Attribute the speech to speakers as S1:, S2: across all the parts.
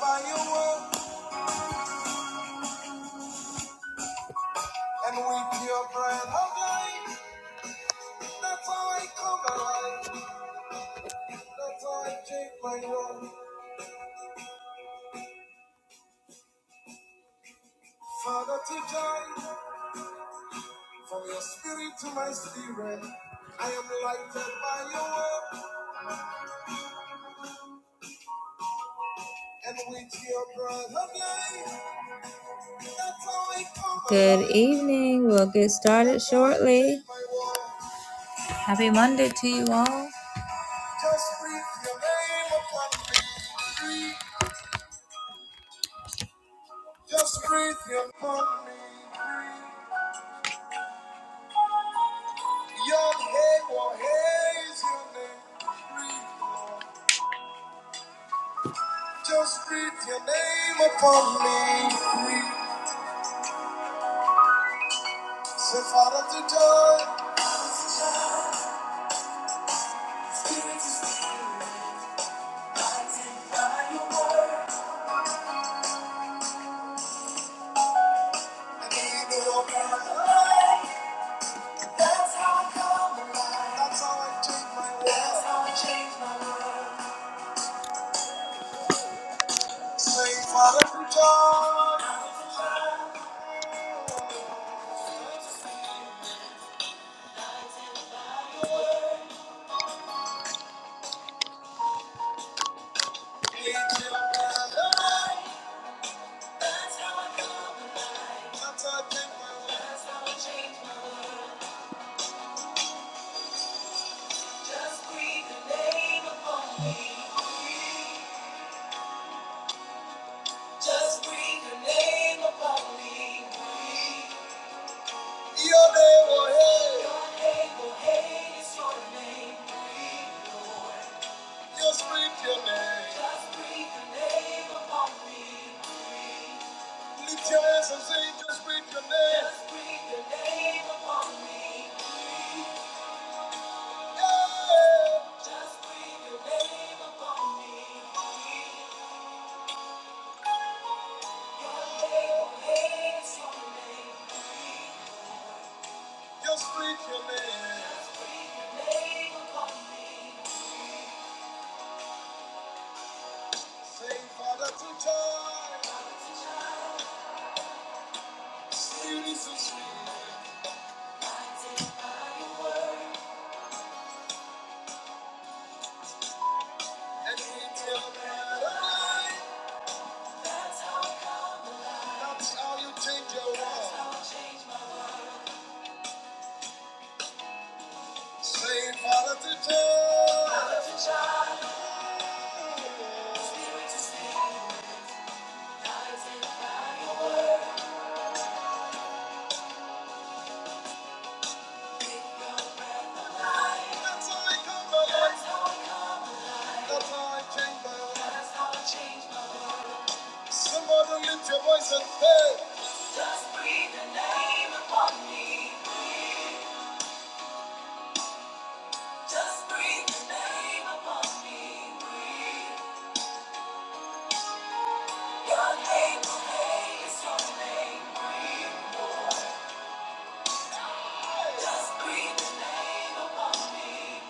S1: by your word, and we pure bread of life. That's how I come alive. That's how I change my world. Father, teach I from your spirit to my spirit. I am lighted by your word, and with your bread of life. That's how I come alive. Good evening. We'll get started shortly. Happy Monday to you all. Just breathe your name upon me. Just breathe your me, breathe. Your name will is your name, breathe, Lord. Just breathe your name upon me, breathe. Say, Father, to joy. Spirit is by your word. I need your power. That's how I come alive. That's how I change my world. That's how I change my world. Say, Father, to joy. I need your power. That's how I come alive. That's how I change my world. Just breathe your name upon me. Breathe. Just breathe your name upon me. Breathe. Your name, oh hey. Your name, oh hey, is your name. Breathe, Lord. Just breathe your name. Just breathe your name upon me. Breathe. Lift your hands and say, just breathe your name. Just breathe your name upon me. Just breathe your name upon me. Your name will haze your name. Just breathe your name. Just breathe your name upon me. Say, Father, to joy. Spirit so sweet. Blinded by your word. And with your breath That's how I come alive. That's how you change your change my world. Say, Father to child. Father to child. Spirit to spirit. Guides and guide. That's how I come alive. That's how I come by. That's how I change my life. That's how I change my world. Somebody lift your voice and say, Just breathe the name upon me. Breathe. Just breathe the name upon me. Breathe. Your name is your name, breathe more. Just breathe the name upon me.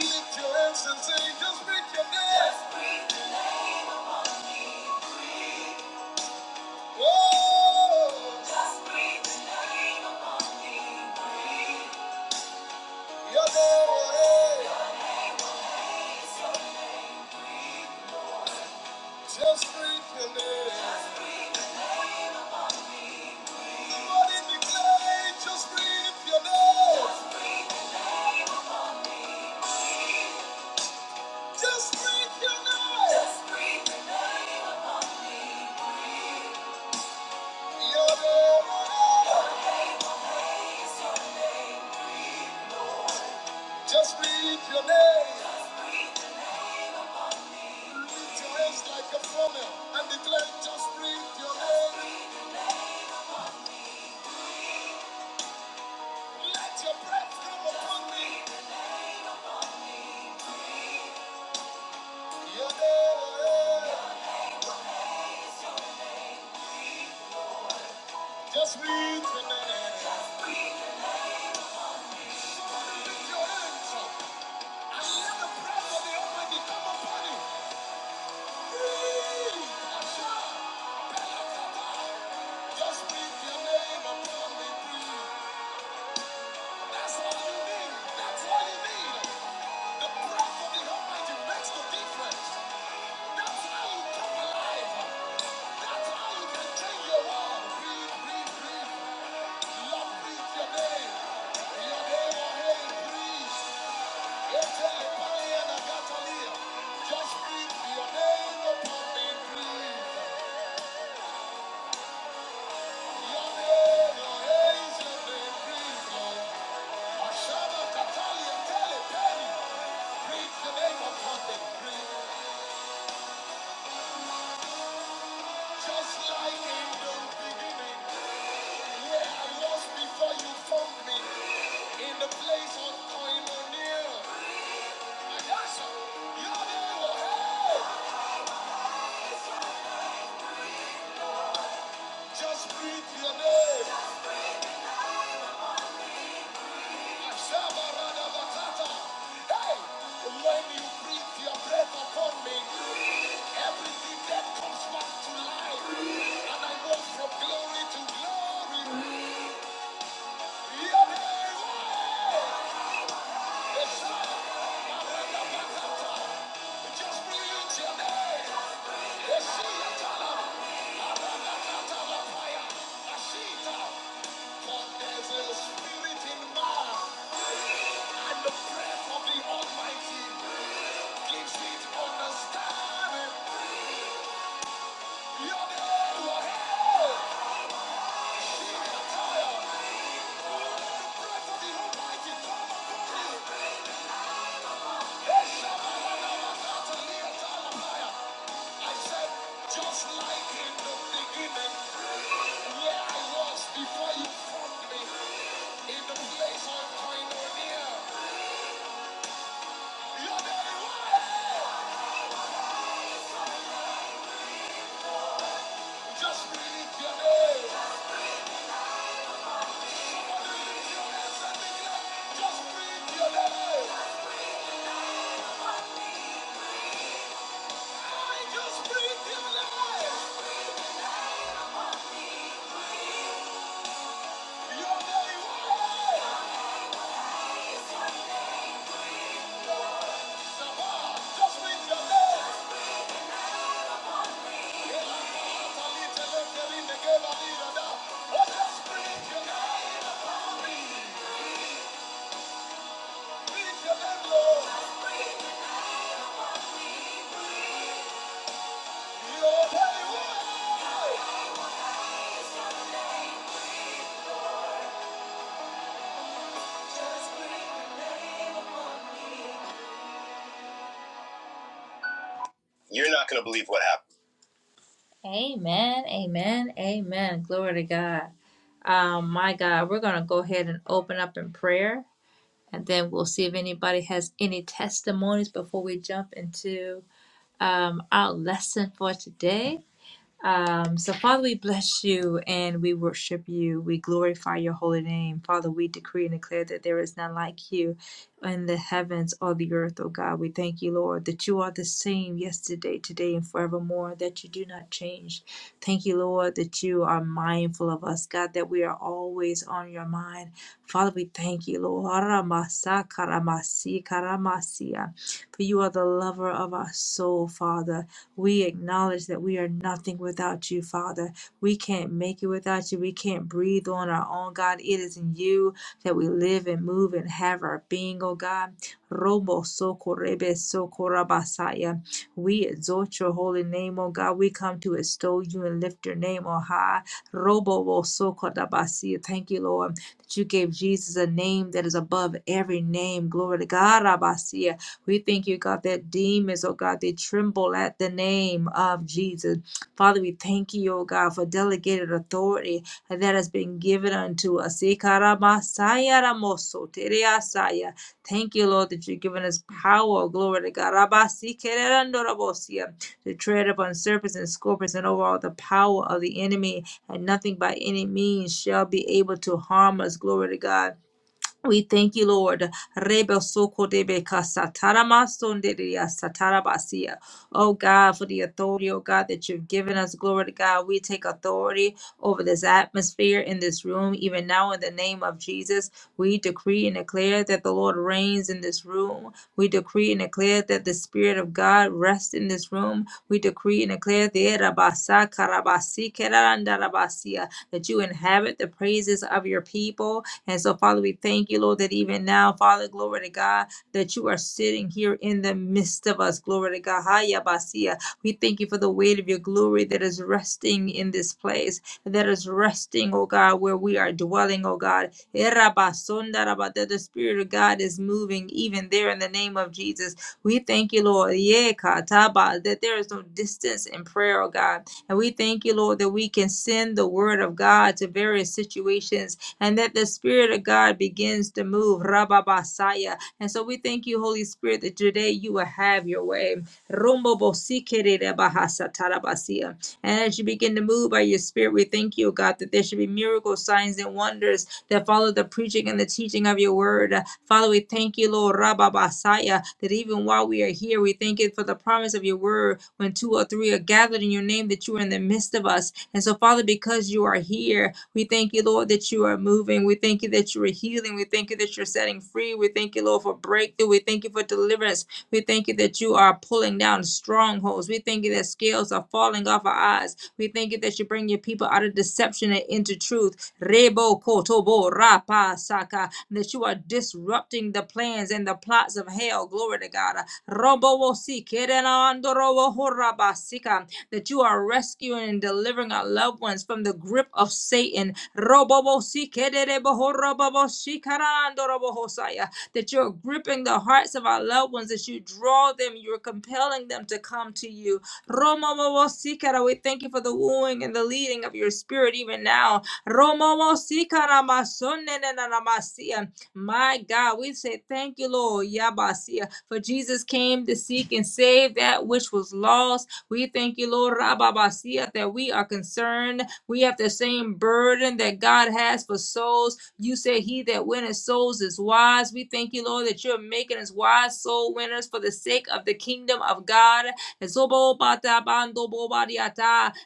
S1: Lift your hands breathe your name. Just breathe the name upon me. Oh, just breathe the name upon me. Your name, just breathe your name. Somebody declare, just breathe your name. Just breathe your name. Your name, Just breathe your name. Lift your hands like a funnel and declare, just breathe your name. Let your breath come upon me. Your name. Just breathe your name. Lift your hands up and let the breath of the Almighty come upon you. Breathe. Asha. Pelakata. Just breathe your name upon me. Breathe. That's all you need. That's all you need. The breath of the Almighty makes the difference. That's how you come alive. That's how you can change your world. Breathe, breathe, breathe. Love breathes your name. Your name, your name, breathe. It's a fire and a gasoline. Just breathe your name upon me, breathe. Your name, your name is your name, breathe. Oh, Ashana, Catalia, Tele, Breathe the name upon me, breathe. Just like in the beginning. Where I was before you found me, in the place of koinonia. And that's your name, oh, hey! Just breathe your name. Shabarada Batata. Hey! When you breathe your breath upon me, everything that comes back to life. And I walk from glory to glory. Your name, oh, hey! Just breathe your name. There's a spirit in man of the Almighty. Just like in the beginning, where I was before you found me, in the place of koinonia, just breathe your name, just breathe your name, just breathe your name, just breathe your name. Salí, te lo que vine, que la vida da. Breathe your name, Lord. Your name, Lord. Just breathe your name. Amen, amen, amen. Glory to God. Um, my God, we're going to go ahead and open up in prayer, and then we'll see if anybody has any testimonies before we jump into um, our lesson for today. Um, so, Father, we bless you and we worship you. We glorify your holy name. Father, we decree and declare that there is none like you in the heavens or the earth, oh God. We thank you, Lord, that you are the same yesterday, today, and forevermore, that you do not change. Thank you, Lord, that you are mindful of us, God, that we are always on your mind. Father, we thank you, Lord. For you are the lover of our soul, Father. We acknowledge that we are nothing without you, Father. We can't make it without you. We can't breathe on our own, God. It is in you that we live and move and have our being, oh God. Robo socorrebe socorabasaya. We exalt your holy name, O God. We come to extol you and lift your name on high. Robo socorabasaya. Thank you, Lord, that you gave Jesus a name that is above every name. Glory to God. Rabasia. We thank you, God, that demons, oh God, they tremble at the name of Jesus. Father, we thank you, oh God, for delegated authority that has been given unto us. Thank you, Lord, that you've given us power, glory to God, to tread upon serpents and scorpions and over all the power of the enemy, and nothing by any means shall be able to harm us, glory to God. We thank you, Lord. Rebe soko debe kasa tarama satarabasia. Oh God, for the authority, oh God, that you've given us. Glory to God. We take authority over this atmosphere in this room, even now in the name of Jesus. We decree and declare that the Lord reigns in this room. We decree and declare that the Spirit of God rests in this room. We decree and declare the Rabasa karabasi kerandarabasia, that you inhabit the praises of your people and so, Father, we thank you, Lord, that even now, Father, glory to God, that you are sitting here in the midst of us. Glory to God. Haya basia. We thank you for the weight of your glory that is resting in this place, that is resting, oh God, where we are dwelling, oh God. Era basonda raba- That the Spirit of God is moving even there in the name of Jesus. We thank you, Lord. Ye kataba, That there is no distance in prayer, oh God. And we thank you, Lord, that we can send the word of God to various situations and that the Spirit of God begins to move. Rababasaya. And so we thank you, Holy Spirit, that today you will have your way. Rumbo bahasatarabasia. And as you begin to move by your spirit, we thank you, God, that there should be miracles, signs, and wonders that follow the preaching and the teaching of your word. Father, we thank you, Lord Rababasaya, that even while we are here, we thank you for the promise of your word. When two or three are gathered in your name, that you are in the midst of us. And so, Father, because you are here, we thank you, Lord, that you are moving. We thank you that you are healing. We thank you that you're setting free. We thank you, Lord, for breakthrough. We thank you for deliverance. We thank you that you are pulling down strongholds. We thank you that scales are falling off our eyes. We thank you that you bring your people out of deception and into truth. Rebo kotobo rapa saka. That you are disrupting the plans and the plots of hell. Glory to God. Robo wosi kerenandoro wohorabasika. That you are rescuing and delivering our loved ones deliverance from the grip of Satan. That you're gripping the hearts of our loved ones, that you draw them, you're compelling them to come to you. We thank you for the wooing and the leading of your spirit even now. My God, we say thank you, Lord, Yabasia, for Jesus came to seek and save that which was lost. We thank you, Lord Rababasia, that we are concerned. We have the same burden that God has for souls. You say, He that winneth souls is wise. We thank you, Lord, that you're making us wise soul winners for the sake of the kingdom of God. And so,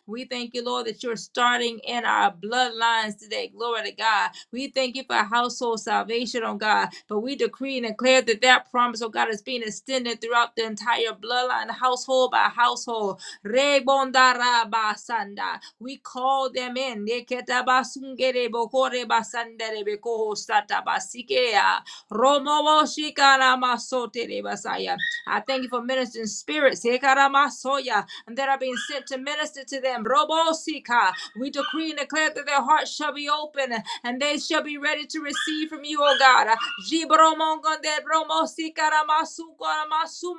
S1: We thank you, Lord, that you're starting in our bloodlines today. Glory to God. We thank you for household salvation, oh God. But we decree and declare that that promise, oh God, is being extended throughout the entire bloodline, household by household. Rebondarabasanda. We call them in. Neketabasungere bokore basandere bekoho satabasikea. Romoboshikaramasotele basaya. I thank you for ministering spirits Hekaramasoya, And that are being sent to minister to them. Robosika. We decree and declare that their hearts shall be open and they shall be ready to receive from you, O God. Jibromongonde bromosikaramasu-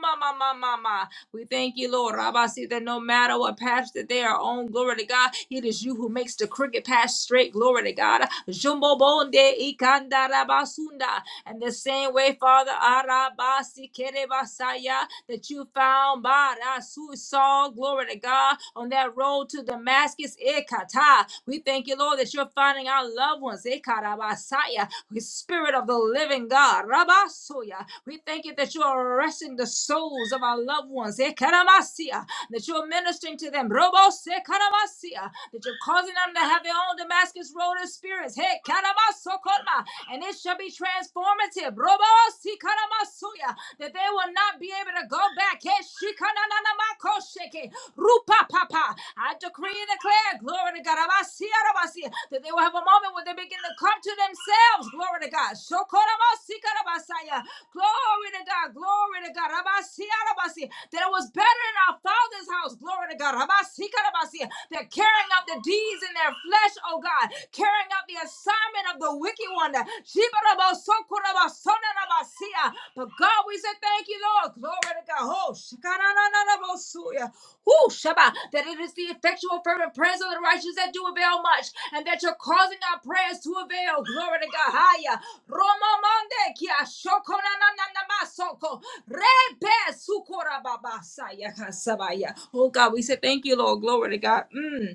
S1: mama, mama mama. We thank you, Lord Rabasi, that no matter what path that they are on, glory to God, it is you who makes the crooked path straight, glory to God. Jumbo bonde ikanda rabasunda. And the same way, Father Arabasi kerebasaya, that you found Barasaya Su- Saul, glory to God, on that road to Damascus, Ekata. We thank you, Lord, that you're finding our loved ones, Ekarabasaya, the spirit of the living God, Rabasoya. We thank you that you're arresting the souls of our loved ones, Ekaramasia that you're ministering to them. Robo se karamasia, that you're causing them to have their own Damascus Road experience. Hey, karamasokorma, and it shall be transformative. Robo si karamasuya, that they will not be able to go back. Hey, shikananamako sheke, rupa papa. I decree and declare, glory to God, amasia, ramasia, that they will have a moment where they begin to come to themselves. Glory to God. Shokoramosikaramasaya. Glory to God. Glory to God. Rabasiarabasi. That it was better in our Father's house. Glory to God. Rabasikarabasi. They're carrying out the deeds in their flesh, oh God. Carrying out the assignment of the wicked one. Shibarabosokorabasonarabasia. But God, we say thank you you, Lord. Glory to God. Oh, shakanananabosuya. Whoo, Shabbat. That it is the effectual, fervent prayers of the righteous that do avail much, and that you're causing our prayers to avail. Glory to God. Haya. Roma mande kia shokonananamasoko. Rebe sukorababasaya kasabaya. Oh, God, we say thank you, Lord. Glory to God. Mm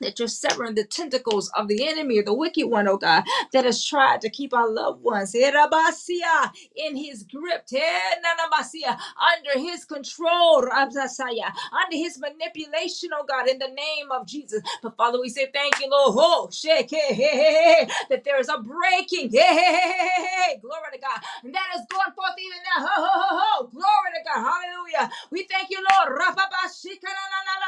S1: that you're severing the tentacles of the enemy or the wicked one, oh God, that has tried to keep our loved ones eh, rabasia, in his grip, eh, nanabasia, under his control, rabasaya, under his manipulation, oh God, in the name of Jesus. But Father, we say thank you, Lord, Oh, shake, eh, eh, eh, eh, eh, that there is a breaking, eh, eh, eh, eh, eh, eh, eh, glory to God, and that is going forth even now, ho, ho, ho, ho, glory to God, hallelujah. We thank you, Lord, rababashika, na, na, na, na, na,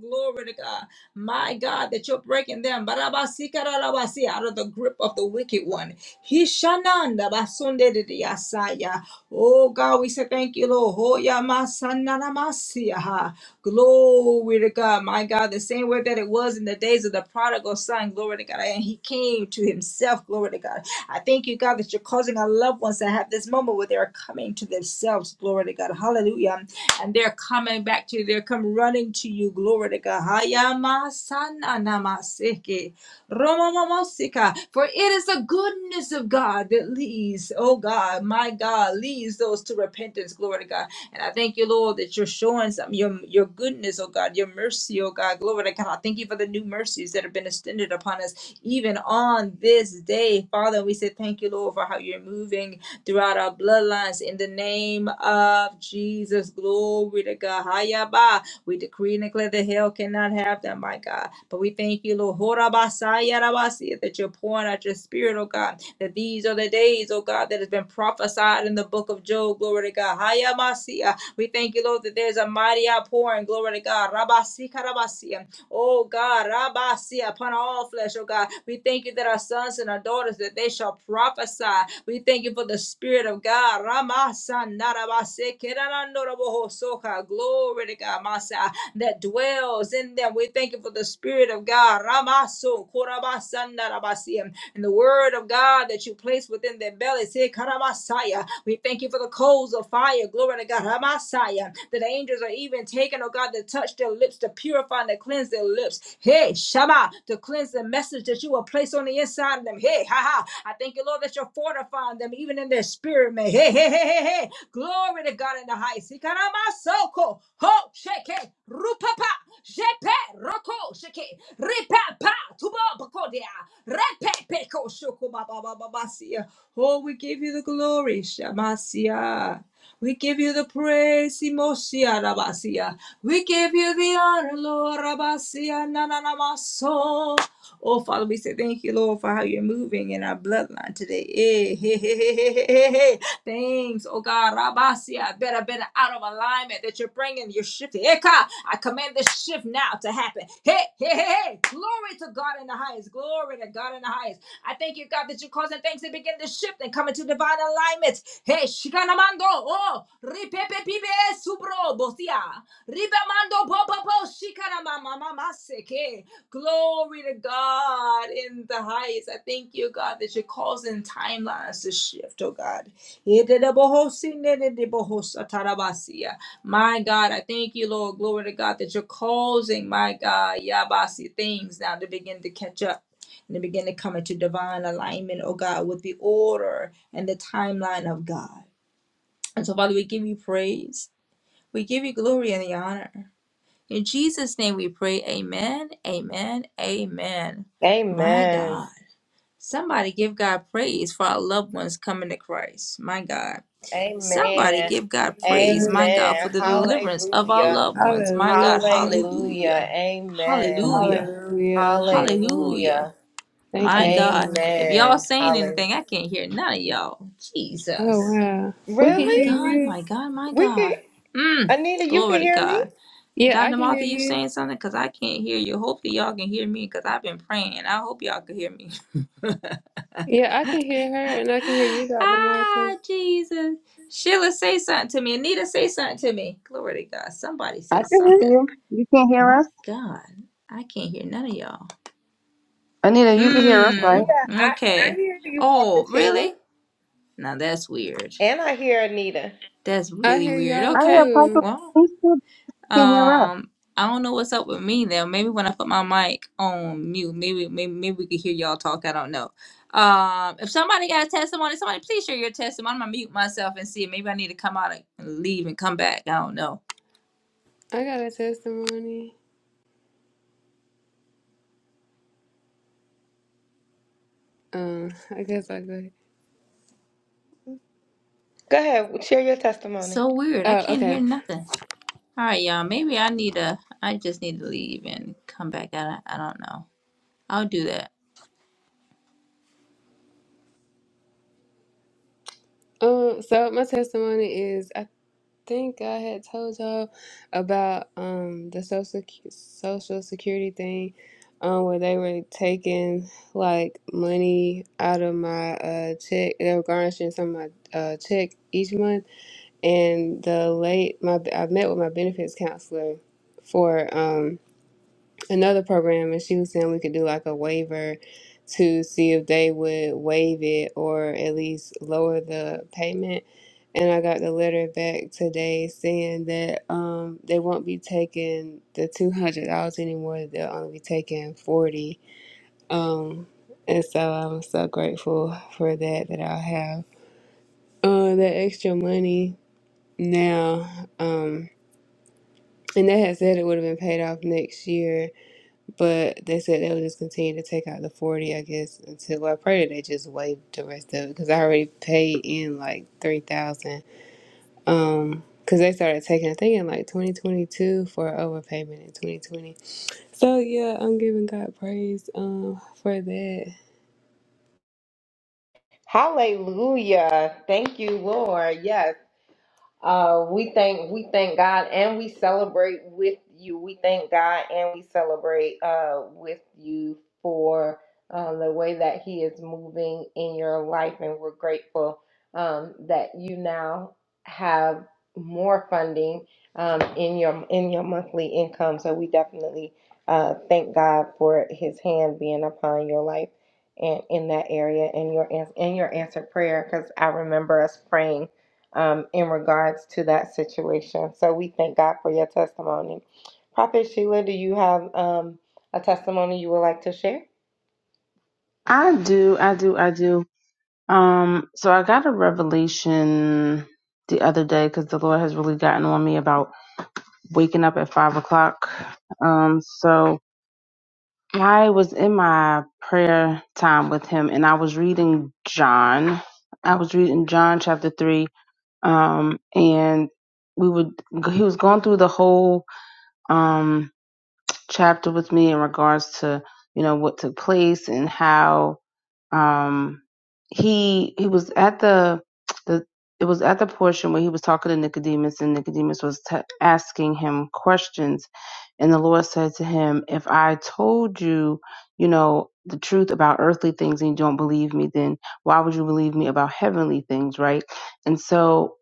S1: Glory to God. My God, that you're breaking them Barabasikarabasi, out of the grip of the wicked one. Hishananda basundedidiyasaya. Oh God, we say thank you, Lord. Hoyamasanaramasiyaha. Glory to God. My God, the same way that it was in the days of the prodigal son. Glory to God. And he came to himself. Glory to God. I thank you, God, that you're causing our loved ones to have this moment where they're coming to themselves. Glory to God. Hallelujah and they're coming back to you. They're come running to you. Glory to God. Hayamasananamaseke. Romamamosika. For it is the goodness of God that leads, oh God, my God, leads those to repentance. Glory to God. And I thank you, Lord, that you're showing some your your goodness, oh God, your mercy, oh God. Glory to God. I thank you for the new mercies that have been extended upon us even on this day. Father, we say thank you, Lord, for how you're moving throughout our bloodlines in the name of Jesus. Glory to God. Hayaba. We decree and declare that hell cannot have them, my God. But we thank you, Lord, Horabasaya rabasi, that you're pouring out your spirit, oh God, that these are the days, oh God, that has been prophesied in the book of Job so. Glory to God. Haya Masia. We thank you, Lord, that there's a mighty outpouring. Glory to God. Rabasi rabasia. Oh God, rabasia upon all flesh, oh God. We thank you that our sons and our daughters that they shall prophesy. We thank you for the Spirit of God. Ramasa Ramasanarabasekerananorabohosoka. Glory to God, Masa, that dwells in them. We thank you for the Spirit of God. Ramaso korabasanarabasia. And the word of God that you place within their bellies. Say, Messiah. We thank you for the coals of fire. Glory to God, Messiah. That the angels are even taken, oh God, to touch their lips, to purify and to cleanse their lips. Hey, Shama, to cleanse the message that you will place on the inside of them. Hey, ha ha. I thank you, Lord, that you're fortifying them even in their spirit, man. Hey, hey, hey, hey, hey. Glory to God in the highest. Ikaramasoko. Ho, sheke, rupapa, jepe, roko, sheke, ripapa, tubo, bakodia, repe, peko, shoko, baba, baba, Masia. Oh, we give you the glory, Shamasia. We give you the praise, Imosia Rabasia. We give you the honor, Lord Rabasia Nananamaso. Oh, Father, we say thank you, Lord, for how you're moving in our bloodline today. Eh, hey, hey, hey, hey, hey, hey, hey. Thanks, oh God, Rabasia, better, better out of alignment that you're bringing, you're shifting. Eka, I command this shift now to happen. Hey, hey, hey, hey. Glory to God in the highest. Glory to God in the highest. I thank you, God, that you're causing things to begin to shift and come into divine alignment. Hey, shikanamando, oh, ripepe pibe subro bosia, ribamando bobobo shikanamamamaseke. Glory to God in the highest. I thank you, God, that you're causing timelines to shift, oh God. Yededebohosinededebohosatarabasia. My God, I thank you, Lord. Glory to God that you're causing, my God, Yabasi, things now to begin to catch up and begin to come into divine alignment, oh God, with the order and the timeline of God. And so, Father, we give you praise. We give you glory and the honor. In Jesus' name we pray, amen, amen, amen. My
S2: Amen.
S1: God. Somebody give God praise for our loved ones coming to Christ. My God. Somebody
S2: Amen.
S1: give God praise, my God, for
S2: Amen.
S1: the
S3: Man,
S1: deliverance of our
S2: Hallelujah.
S1: loved ones. My God,
S4: Hallelujah.
S1: hallelujah,
S2: Hallelujah. Amen.
S3: somebody.
S1: hallelujah,
S4: Hallelujah.
S1: hallelujah.
S2: Hallelujah.
S4: Thank
S1: My
S4: you,
S1: God.
S4: Lord.
S1: If y'all
S2: Amen.
S1: saying
S2: Hallelujah.
S1: anything, I can't hear none of y'all.
S4: Oh,
S1: Jesus.
S4: wow. We can
S1: My
S4: hear
S2: Really?
S1: God,
S4: you.
S1: my God, my
S2: We can
S1: God. Mm.
S2: Anita, you can
S1: Glory to
S2: hear me?
S1: God.
S4: Yeah, I
S1: Dr.
S4: can hear
S1: Martha, you
S4: you.
S1: saying something? Because I can't hear you. Hopefully y'all can hear me because I've been praying. I hope y'all can hear me.
S4: Yeah, I can hear her and I can hear you, Dr. Martha.
S1: ah, Jesus. Sheila, say something to me. Anita, say something to me. Glory to God. Somebody
S3: I
S1: say
S3: can hear
S1: something.
S3: you. You can't hear
S1: My
S3: us?
S1: God. I can't hear none of y'all.
S3: Anita, you can hear us,
S2: Yeah,
S3: right?
S1: Hmm.
S2: I, I
S1: Okay.
S2: hear you,
S1: Oh,
S2: Prophet Sheila.
S1: really? Now that's weird.
S2: And I hear Anita.
S1: That's
S4: I
S1: really
S4: hear
S1: weird.
S4: y'all
S3: I have
S1: Okay.
S3: possible
S4: too.
S1: Well,
S3: You still can't hear us.
S1: um, I don't know what's up with me though. Maybe when I put my mic on mute, maybe maybe maybe we could hear y'all talk. I don't know. Um, if somebody got a testimony, somebody please share your testimony. I'm gonna mute myself and see. Maybe I need to come out and leave and come back. I don't know.
S4: I got a testimony. Um, I guess i go.
S2: Go ahead, share your testimony.
S1: So weird. I
S4: Oh,
S1: can't hear
S4: okay.
S1: nothing. All right, y'all. Maybe I need to. I just need to leave and come back. I don't- I don't know. I'll do that.
S4: Um, so my testimony is think I had told y'all about um the social sec- social security thing, um where they were taking like money out of my uh check. They were garnishing some of my uh check each month, and the late my I met with my benefits counselor for um another program and she was saying we could do like a waiver to see if they would waive it or at least lower the payment and I got the letter back today saying that um they won't be taking the two hundred dollars anymore they'll only be taking forty um and so I'm so grateful for that that I'll have uh that extra money now um and they had said it would have been paid off next year But they said they would just continue to take out the 40, I guess, until well, I pray that they just waive the rest of it because I already paid in like 3000 Um, because they started taking, I think, in like 2022 for overpayment in 2020. So yeah, I'm giving God praise um for that.
S2: Hallelujah. Thank you, Lord. Yes. Uh, we thank we thank God and we celebrate with you. We thank God and we celebrate uh, with you for uh, the way that He is moving in your life, and we're grateful um, that you now have more funding um, in your in your monthly income. So we definitely uh, thank God for His hand being upon your life and in that area and your ans- and your answered prayer. Because I remember us praying um, in regards to that situation. So we thank God for your testimony. Prophet Sheila, do you have um, a testimony you would like to share?
S3: I do, I do, I do. Um, so I got a revelation the other day because the Lord has really gotten on me about waking up at five o'clock. Um, so I was in my prayer time with him and I was reading John. I was reading John chapter three. Um, and we would, he was going through the whole um, chapter with me in regards to you know what took place and how um, he he was at the the it was at the portion where he was talking to Nicodemus and Nicodemus was t- asking him questions and the Lord said to him, "If I told you, you know." The truth about earthly things, and you don't believe me, then why would you believe me about heavenly things, right? And so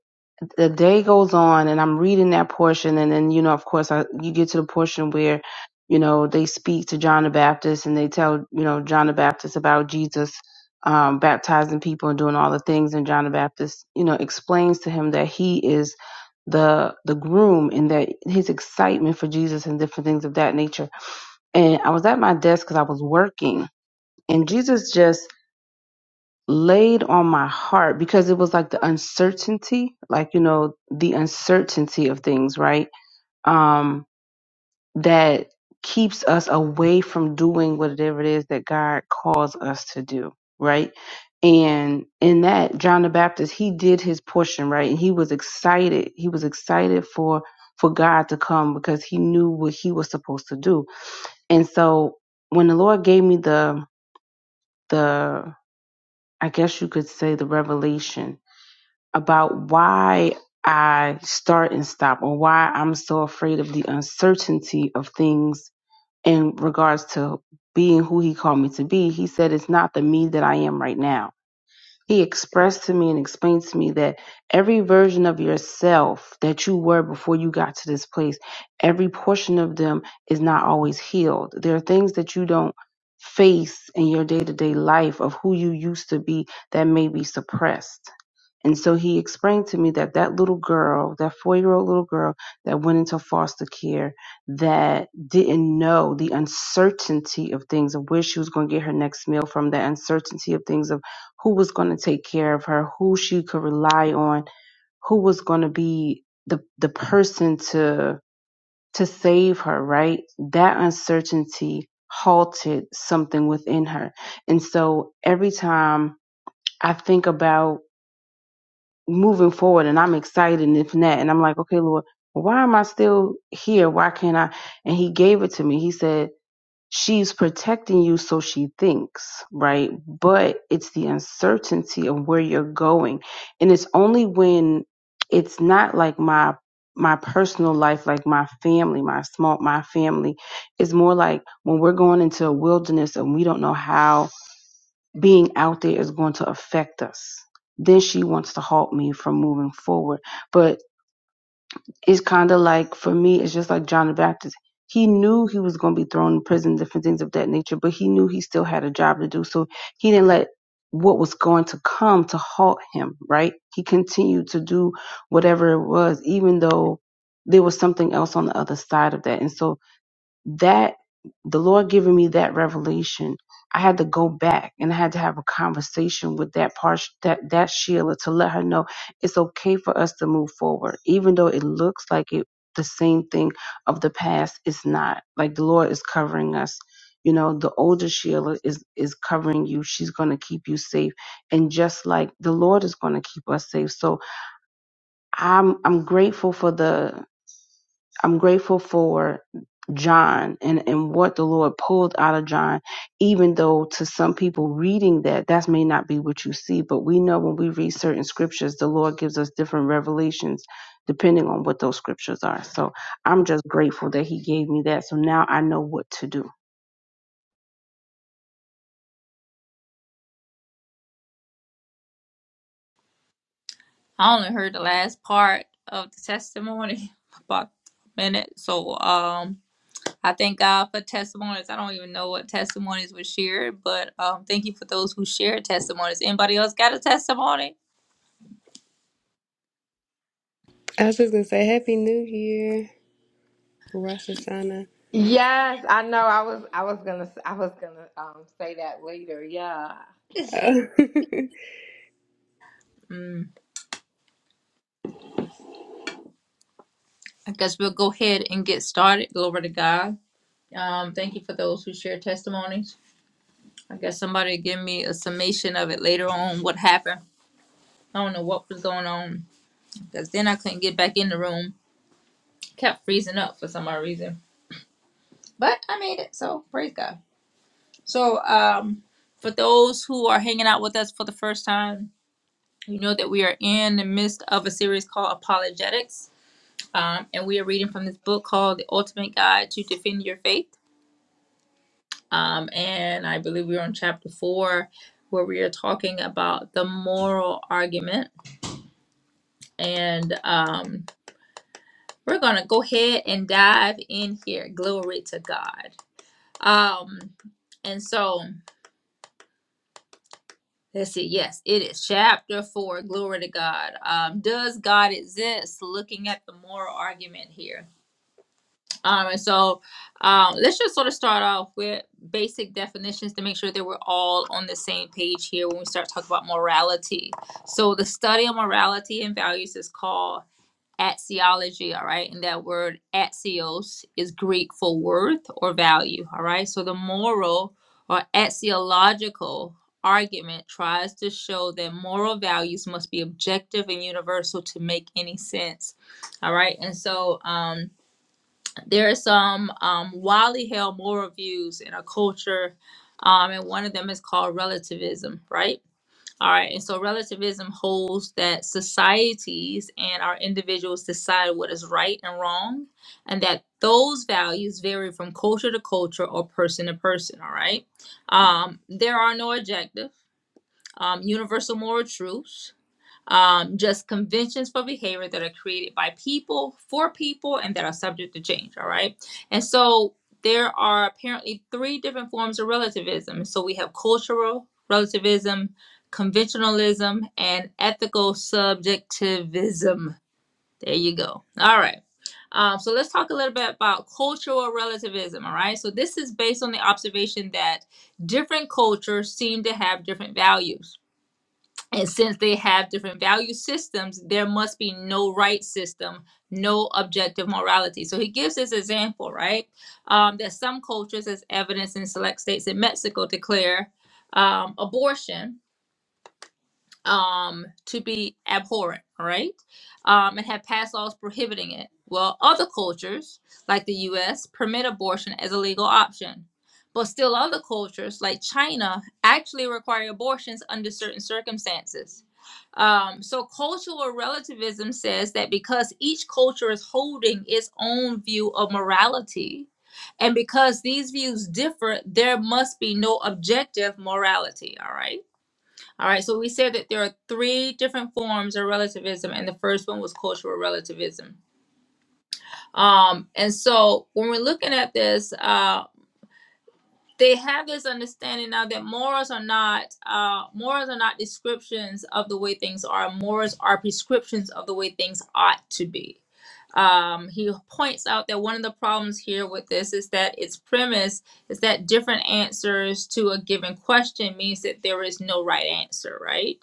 S3: the day goes on and I'm reading that portion and then you know of course I you get to the portion where you know they speak to John the Baptist and they tell you know John the Baptist about Jesus um, baptizing people and doing all the things and John the Baptist you know explains to him that he is the the groom and that his excitement for Jesus and different things of that nature and I was at my desk because I was working and Jesus just laid on my heart because it was like the uncertainty, like you know, the uncertainty of things, right? Um, that keeps us away from doing whatever it is that God calls us to do, right? And in that, John the Baptist, he did his portion, right? And he was excited. He was excited for for God to come because he knew what he was supposed to do. And so when the Lord gave me the the I guess you could say the revelation about why I start and stop or why I'm so afraid of the uncertainty of things in regards to being who he called me to be. He said, It's not the me that I am right now he expressed to me and explained to me that every version of yourself that you were before you got to this place, every portion of them is not always healed. There are things that you don't face in your day to day life of who you used to be that may be suppressed. And so he explained to me that that little girl, that four year old little girl that went into foster care, that didn't know the uncertainty of things, of where she was going to get her next meal from, the uncertainty of things, of who was going to take care of her, who she could rely on, who was going to be the the person to to save her, right? That uncertainty halted something within her. And so every time I think about moving forward and I'm excited and if not, and I'm like, okay, Lord, why am I still here? Why can't I? And he gave it to me. He said, she's protecting you so she thinks right but it's the uncertainty of where you're going and it's only when it's not like my my personal life like my family my small my family is more like when we're going into a wilderness and we don't know how being out there is going to affect us then she wants to halt me from moving forward but it's kind of like for me, it's just like John the Baptist. He knew he was going to be thrown in prison, different things of that nature, but he knew he still had a job to do. So he didn't let what was going to come to halt him, right? He continued to do whatever it was, even though there was something else on the other side of that. And so that the Lord giving me that revelation, I had to go back and I had to have a conversation with that part that that Sheila to let her know it's okay for us to move forward, even though it looks like it the same thing of the past. It's not like the Lord is covering us. You know, the older Sheila is is covering you. She's gonna keep you safe, and just like the Lord is gonna keep us safe. So I'm I'm grateful for the I'm grateful for John and, and what the Lord pulled out of John, even though to some people reading that, that may not be what you see. But we know when we read certain scriptures, the Lord gives us different revelations depending on what those scriptures are. So I'm just grateful that He gave me that. So now I know what to do.
S1: I only heard the last part of the testimony about a minute. So um. I thank God for testimonies. I don't even know what testimonies were shared, but um, thank you for those who shared testimonies. Anybody else got a testimony?
S4: I was just gonna say Happy New Year, Rosh Hashanah.
S2: Yes, I know. I was I was gonna I was gonna um, say that later. Yeah,
S4: I
S1: Mm, I guess we'll go ahead and get started. Glory to God. Um, thank you for those who shared testimonies. I guess somebody give me a summation of it later on what happened. I don't know what was going on because then I couldn't get back in the room. Kept freezing up for some odd reason, but I made it. So praise God. So um, for those who are hanging out with us for the first time, You know that we are in the midst of a series called Apologetics, um, and we are reading from this book called The Ultimate Guide to Defend Your Faith. Um, and I believe we're on chapter four, where we are talking about the moral argument. And um, we're going to go ahead and dive in here. Glory to God. Um, and so. Let's see. Yes, it is chapter four. Glory to God. Um, does God exist? Looking at the moral argument here. Um, and so um, let's just sort of start off with basic definitions to make sure that we're all on the same page here when we start talking about morality. So the study of morality and values is called axiology, all right? And that word axios is Greek for worth or value, all right? So the moral or axiological argument tries to show that moral values must be objective and universal to make any sense, all right? And so, um, there are some um, wildly held moral views in our culture, um, and one of them is called relativism, right? All right, and so relativism holds that societies and our individuals decide what is right and wrong, and that those values vary from culture to culture or person to person. All right, um, there are no objective, um, universal moral truths um, just conventions for behavior that are created by people for people and that are subject to change. All right. And so there are apparently three different forms of relativism. So we have cultural relativism, conventionalism, and ethical subjectivism. There you go. All right. Um, so let's talk a little bit about cultural relativism. All right. So this is based on the observation that different cultures seem to have different values and since they have different value systems, there must be no right system, no objective morality. So he gives this example, right? Um, that some cultures, as evidence in select states in Mexico, declare um, abortion um, to be abhorrent, all right? Um, and have passed laws prohibiting it. Well, other cultures, like the US, permit abortion as a legal option. But still, other cultures, like China, actually require abortions under certain circumstances. Um, so, cultural relativism says that because each culture is holding its own view of morality, and because these views differ, there must be no objective morality, all right? All right, so we said that there are three different forms of relativism, and the first one was cultural relativism. Um, and so when we're looking at this, uh, they have this understanding now that morals are not uh, morals are not descriptions of the way things are. Morals are prescriptions of the way things ought to be. Um, he points out that one of the problems here with this is that its premise is that different answers to a given question means that there is no right answer, right?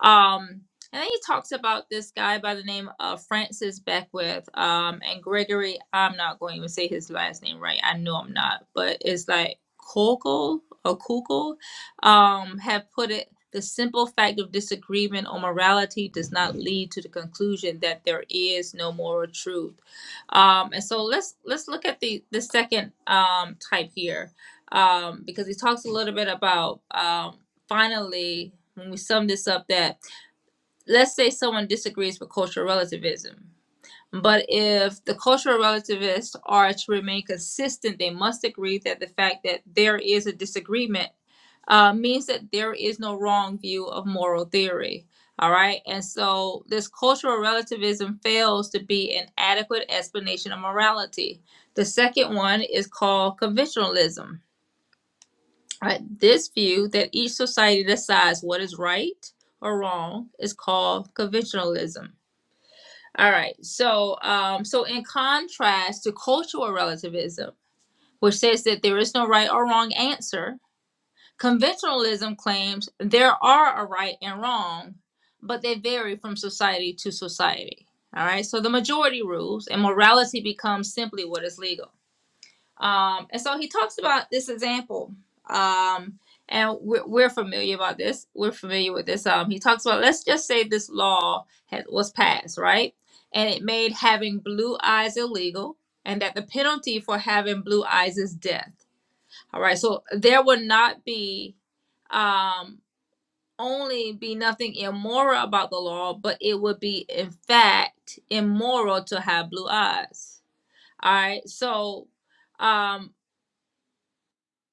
S1: Um, and then he talks about this guy by the name of Francis Beckwith um, and Gregory. I'm not going to even say his last name right. I know I'm not, but it's like Kugel or Kugel um, have put it the simple fact of disagreement on morality does not lead to the conclusion that there is no moral truth. Um, and so let's let's look at the the second um, type here um, because he talks a little bit about um, finally when we sum this up that let's say someone disagrees with cultural relativism but if the cultural relativists are to remain consistent, they must agree that the fact that there is a disagreement uh, means that there is no wrong view of moral theory. All right. And so this cultural relativism fails to be an adequate explanation of morality. The second one is called conventionalism. All right. This view that each society decides what is right or wrong is called conventionalism. All right. So, um, so in contrast to cultural relativism, which says that there is no right or wrong answer, conventionalism claims there are a right and wrong, but they vary from society to society. All right. So the majority rules, and morality becomes simply what is legal. Um, and so he talks about this example. Um, and we're, we're familiar about this. We're familiar with this. Um, he talks about let's just say this law had, was passed, right? And it made having blue eyes illegal, and that the penalty for having blue eyes is death. All right. So there would not be um, only be nothing immoral about the law, but it would be in fact immoral to have blue eyes. All right. So. Um,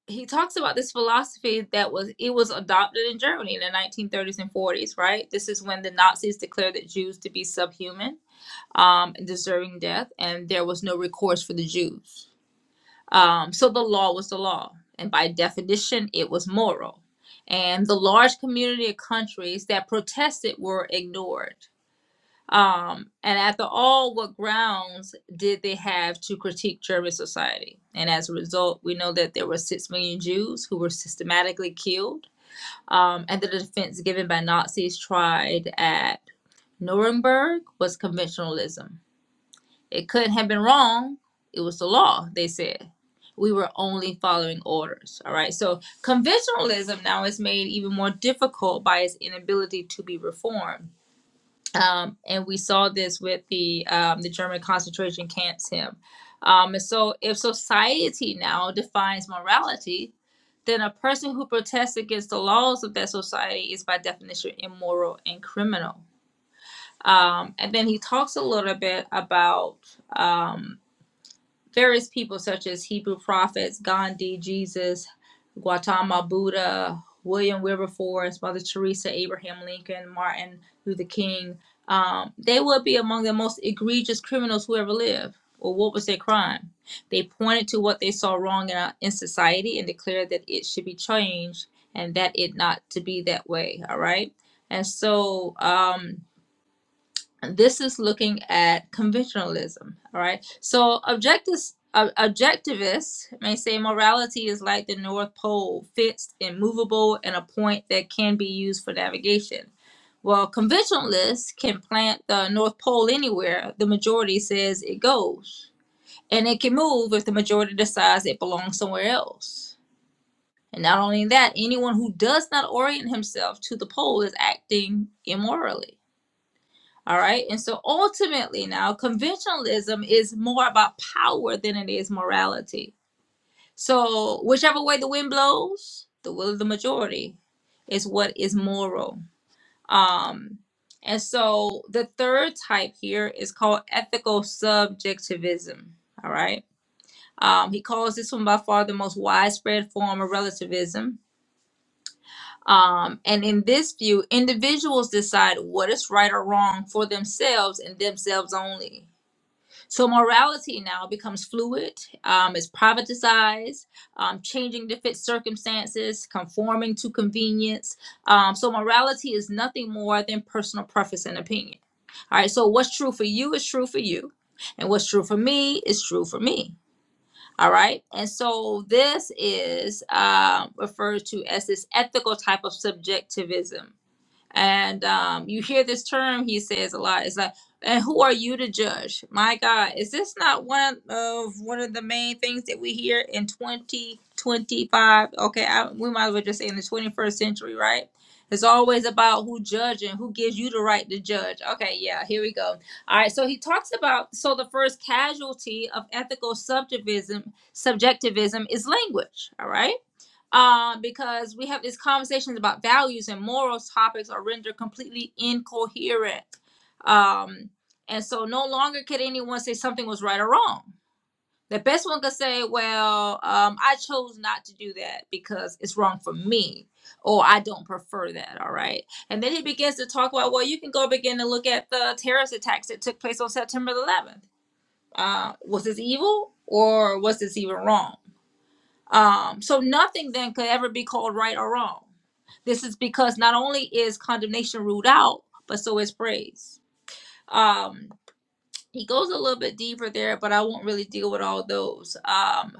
S1: he talks about this philosophy that was it was adopted in Germany in the 1930s and 40s, right? This is when the Nazis declared that Jews to be subhuman, um, and deserving death, and there was no recourse for the Jews. Um, so the law was the law, and by definition, it was moral. And the large community of countries that protested were ignored. Um, and at the all, what grounds did they have to critique German society? And as a result, we know that there were six million Jews who were systematically killed. Um, and the defense given by Nazis tried at Nuremberg was conventionalism. It couldn't have been wrong. It was the law, they said. We were only following orders. All right. So conventionalism now is made even more difficult by its inability to be reformed um, and we saw this with the um, the German concentration camps him. Um, and so, if society now defines morality, then a person who protests against the laws of that society is by definition immoral and criminal. Um, and then he talks a little bit about um, various people such as Hebrew prophets, Gandhi, Jesus, Gautama Buddha, William Wilberforce, Mother Teresa, Abraham Lincoln, Martin Luther King, um, they would be among the most egregious criminals who ever lived. Well, what was their crime? They pointed to what they saw wrong in, our, in society and declared that it should be changed and that it not to be that way. All right. And so, um, this is looking at conventionalism all right so objectives ob- objectivists may say morality is like the north pole fixed and movable and a point that can be used for navigation well conventionalists can plant the north pole anywhere the majority says it goes and it can move if the majority decides it belongs somewhere else and not only that anyone who does not orient himself to the pole is acting immorally all right. And so ultimately, now conventionalism is more about power than it is morality. So, whichever way the wind blows, the will of the majority is what is moral. Um, and so the third type here is called ethical subjectivism. All right. Um, he calls this one by far the most widespread form of relativism. Um, and in this view, individuals decide what is right or wrong for themselves and themselves only So morality now becomes fluid, um, is privatized, um, changing to fit circumstances, conforming to convenience. Um, so morality is nothing more than personal preference and opinion. All right. So what's true for you is true for you, and what's true for me is true for me. All right. And so this is uh, referred to as this ethical type of subjectivism. And um, you hear this term he says a lot. It's like, and who are you to judge? My God, is this not one of one of the main things that we hear in 2025? Okay, I, we might as well just say in the 21st century, right? It's always about who judging, who gives you the right to judge. Okay, yeah, here we go. All right, so he talks about so the first casualty of ethical subjectivism, subjectivism is language. All right um, because we have these conversations about values and moral topics are rendered completely incoherent. Um, and so no longer could anyone say something was right or wrong. The best one could say, well, um, I chose not to do that because it's wrong for me, or I don't prefer that, all right? And then he begins to talk about, well, you can go begin to look at the terrorist attacks that took place on September the 11th. Uh, was this evil or was this even wrong? Um, so nothing then could ever be called right or wrong this is because not only is condemnation ruled out, but so is praise. Um, he goes a little bit deeper there, but I won't really deal with all those. Um,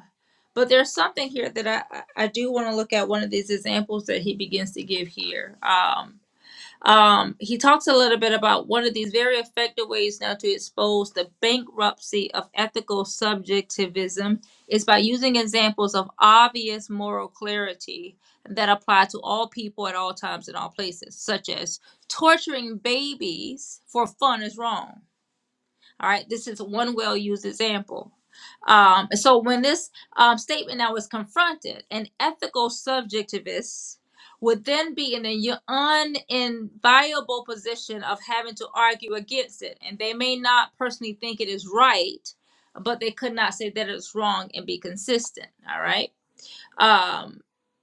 S1: but there's something here that I, I do want to look at one of these examples that he begins to give here. Um, um, he talks a little bit about one of these very effective ways now to expose the bankruptcy of ethical subjectivism is by using examples of obvious moral clarity that apply to all people at all times and all places, such as torturing babies for fun is wrong all right, this is one well used example. Um, so when this um, statement now is confronted, an ethical subjectivist would then be in an uninviable position of having to argue against it, and they may not personally think it is right, but they could not say that it's wrong and be consistent. All right. Um,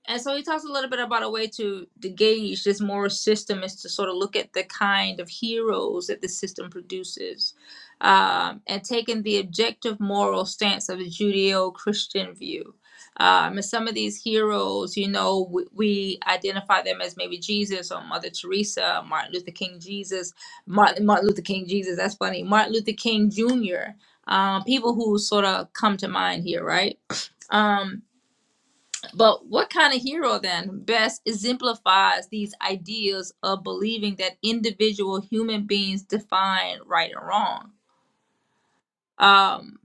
S1: and so he talks a little bit about a way to, to gauge this moral system is to sort of look at the kind of heroes that the system produces um, and taking the objective moral stance of the Judeo Christian view. Um, and some of these heroes, you know, we, we identify them as maybe Jesus or Mother Teresa, Martin Luther King Jesus, Martin, Martin Luther King Jesus, that's funny, Martin Luther King Jr., um, people who sort of come to mind here, right? Um, but what kind of hero then best exemplifies these ideas of believing that individual human beings define right and wrong? Um,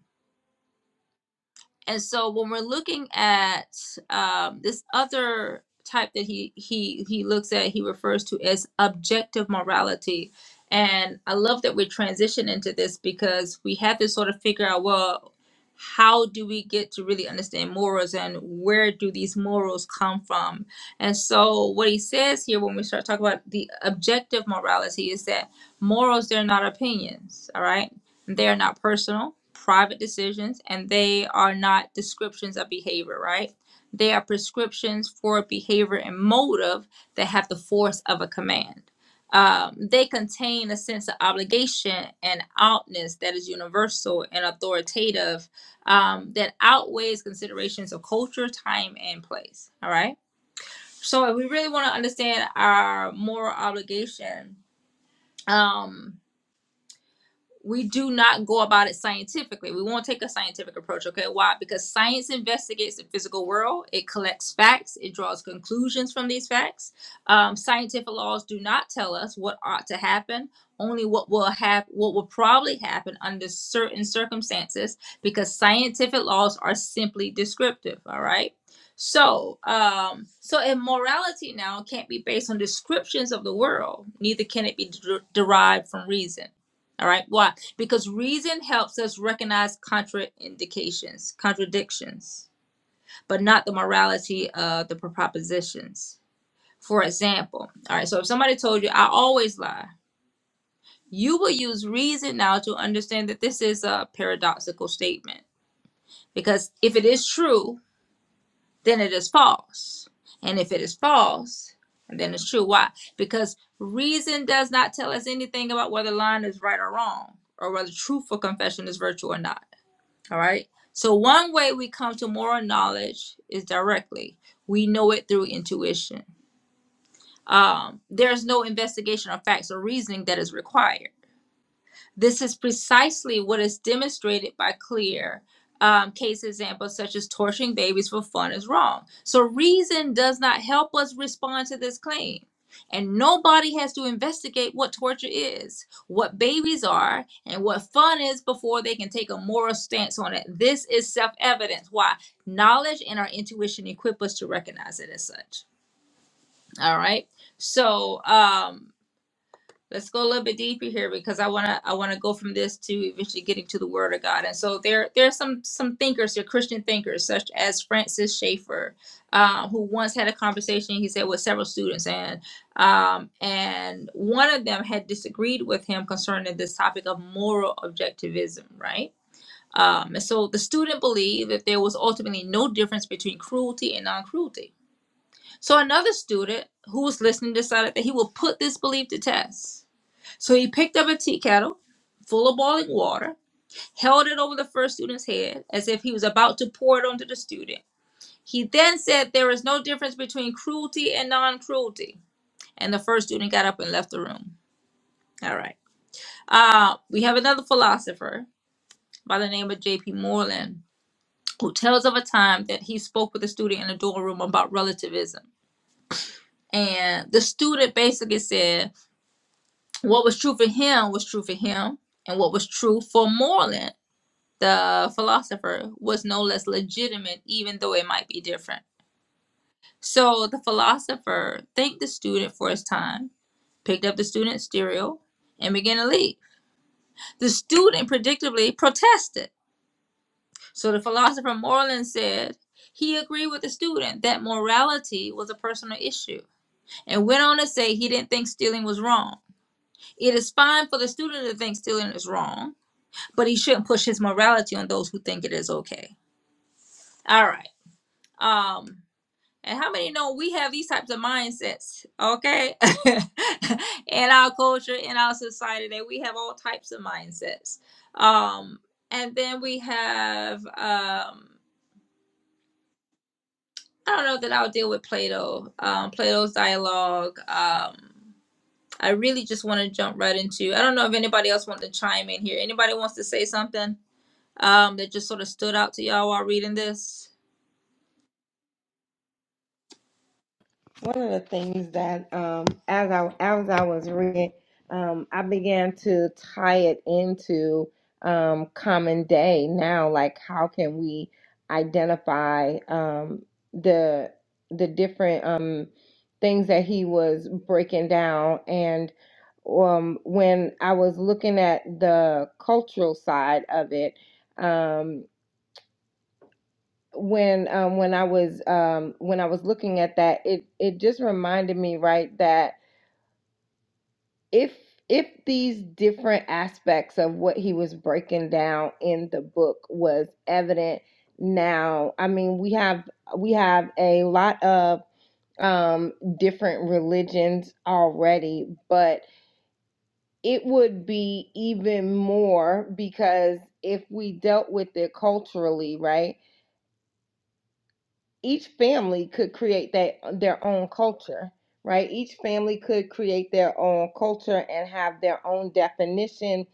S1: And so when we're looking at um, this other type that he he he looks at, he refers to as objective morality. And I love that we transition into this because we have to sort of figure out well, how do we get to really understand morals and where do these morals come from? And so what he says here when we start talking about the objective morality is that morals they're not opinions, all right? They are not personal, private decisions, and they are not descriptions of behavior, right? They are prescriptions for behavior and motive that have the force of a command. Um, they contain a sense of obligation and outness that is universal and authoritative um, that outweighs considerations of culture, time, and place. All right. So, if we really want to understand our moral obligation, um, we do not go about it scientifically. We won't take a scientific approach, okay? Why? Because science investigates the physical world, it collects facts, it draws conclusions from these facts. Um, scientific laws do not tell us what ought to happen, only what will have what will probably happen under certain circumstances, because scientific laws are simply descriptive, all right? So, um, so immorality now can't be based on descriptions of the world, neither can it be der- derived from reason. All right. Why? Because reason helps us recognize contraindications, contradictions, but not the morality of the propositions. For example, all right, so if somebody told you, I always lie, you will use reason now to understand that this is a paradoxical statement. Because if it is true, then it is false. And if it is false, then it's true. Why? Because reason does not tell us anything about whether lying is right or wrong, or whether truthful confession is virtue or not. All right. So one way we come to moral knowledge is directly. We know it through intuition. Um, there's no investigation of facts or reasoning that is required. This is precisely what is demonstrated by clear um, case examples such as torturing babies for fun is wrong. So, reason does not help us respond to this claim. And nobody has to investigate what torture is, what babies are, and what fun is before they can take a moral stance on it. This is self evidence. Why? Knowledge and our intuition equip us to recognize it as such. All right. So, um, let's go a little bit deeper here because I wanna I wanna go from this to eventually getting to the Word of God. And so there there are some some thinkers, there are Christian thinkers such as Francis Schaeffer, uh, who once had a conversation he said with several students, and um, and one of them had disagreed with him concerning this topic of moral objectivism, right? Um, and so the student believed that there was ultimately no difference between cruelty and non-cruelty. So another student who was listening decided that he will put this belief to test so he picked up a tea kettle full of boiling water, held it over the first student's head as if he was about to pour it onto the student. He then said, There is no difference between cruelty and non cruelty. And the first student got up and left the room. All right. Uh, we have another philosopher by the name of J.P. Moreland who tells of a time that he spoke with a student in a dorm room about relativism. And the student basically said, What was true for him was true for him, and what was true for Moreland the philosopher was no less legitimate, even though it might be different. So the philosopher thanked the student for his time, picked up the student's stereo, and began to leave. The student predictably protested. So the philosopher Moreland said he agreed with the student that morality was a personal issue and went on to say he didn't think stealing was wrong. It is fine for the student to think stealing is wrong, but he shouldn't push his morality on those who think it is okay. All right. Um, And how many know we have these types of mindsets, okay? in our culture, in our society, that we have all types of mindsets. Um, and then we have, um, I don't know that I'll deal with Plato, um, Plato's dialogue. Um, I really just want to jump right into. I don't know if anybody else wants to chime in here. Anybody wants to say something um, that just sort of stood out to y'all while reading this?
S2: One of the things that um, as I as I was reading, um, I began to tie it into um, common day now. Like, how can we identify um, the the different um, things that he was breaking down? And um, when I was looking at the cultural side of it, um, when um when I was um when I was looking at that, it it just reminded me, right, that if if these different aspects of what he was breaking down in the book was evident now, I mean, we have we have a lot of um different religions already, but it would be even more because if we dealt with it culturally, right? each family could create that uh, their own culture right each family could create their own culture and have their own definition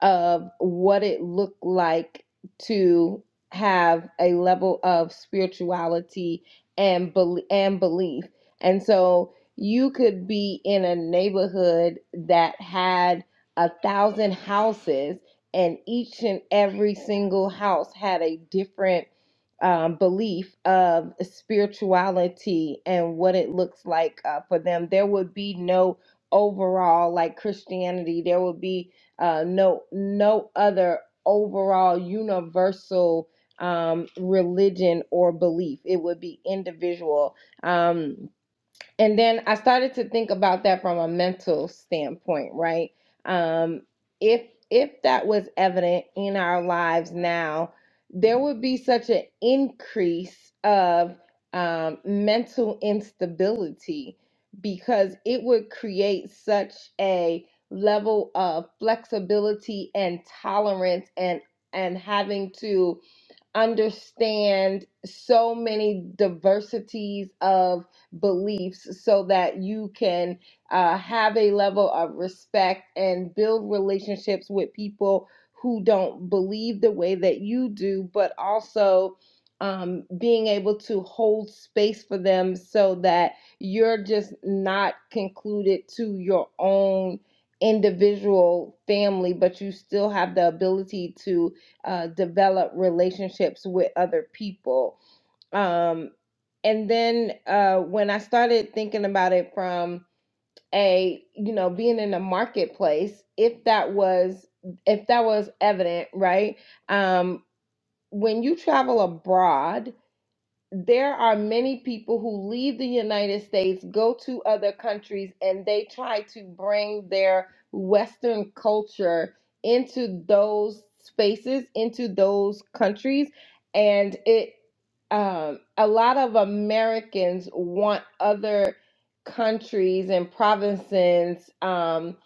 S2: of what it looked like to have a level of spirituality and bel and belief and so you could be in a neighborhood that had a thousand houses and each and every single house had a different um, belief of spirituality and what it looks like uh, for them. There would be no overall like Christianity. There would be uh, no no other overall universal um, religion or belief. It would be individual. Um, and then I started to think about that from a mental standpoint, right? Um, if if that was evident in our lives now, there would be such an increase of um, mental instability because it would create such a level of flexibility and tolerance and and having to understand so many diversities of beliefs so that you can uh, have a level of respect and build relationships with people who don't believe the way that you do, but also um, being able to hold space for them so that you're just not concluded to your own individual family, but you still have the ability to uh, develop relationships with other people um and then uh when i started thinking about it from a you know being in the marketplace if that was if that was evident right um when you travel abroad there are many people who leave the United States, go to other countries, and they try to bring their Western culture into those spaces, into those countries. And it, um, a lot of Americans want other countries and provinces um,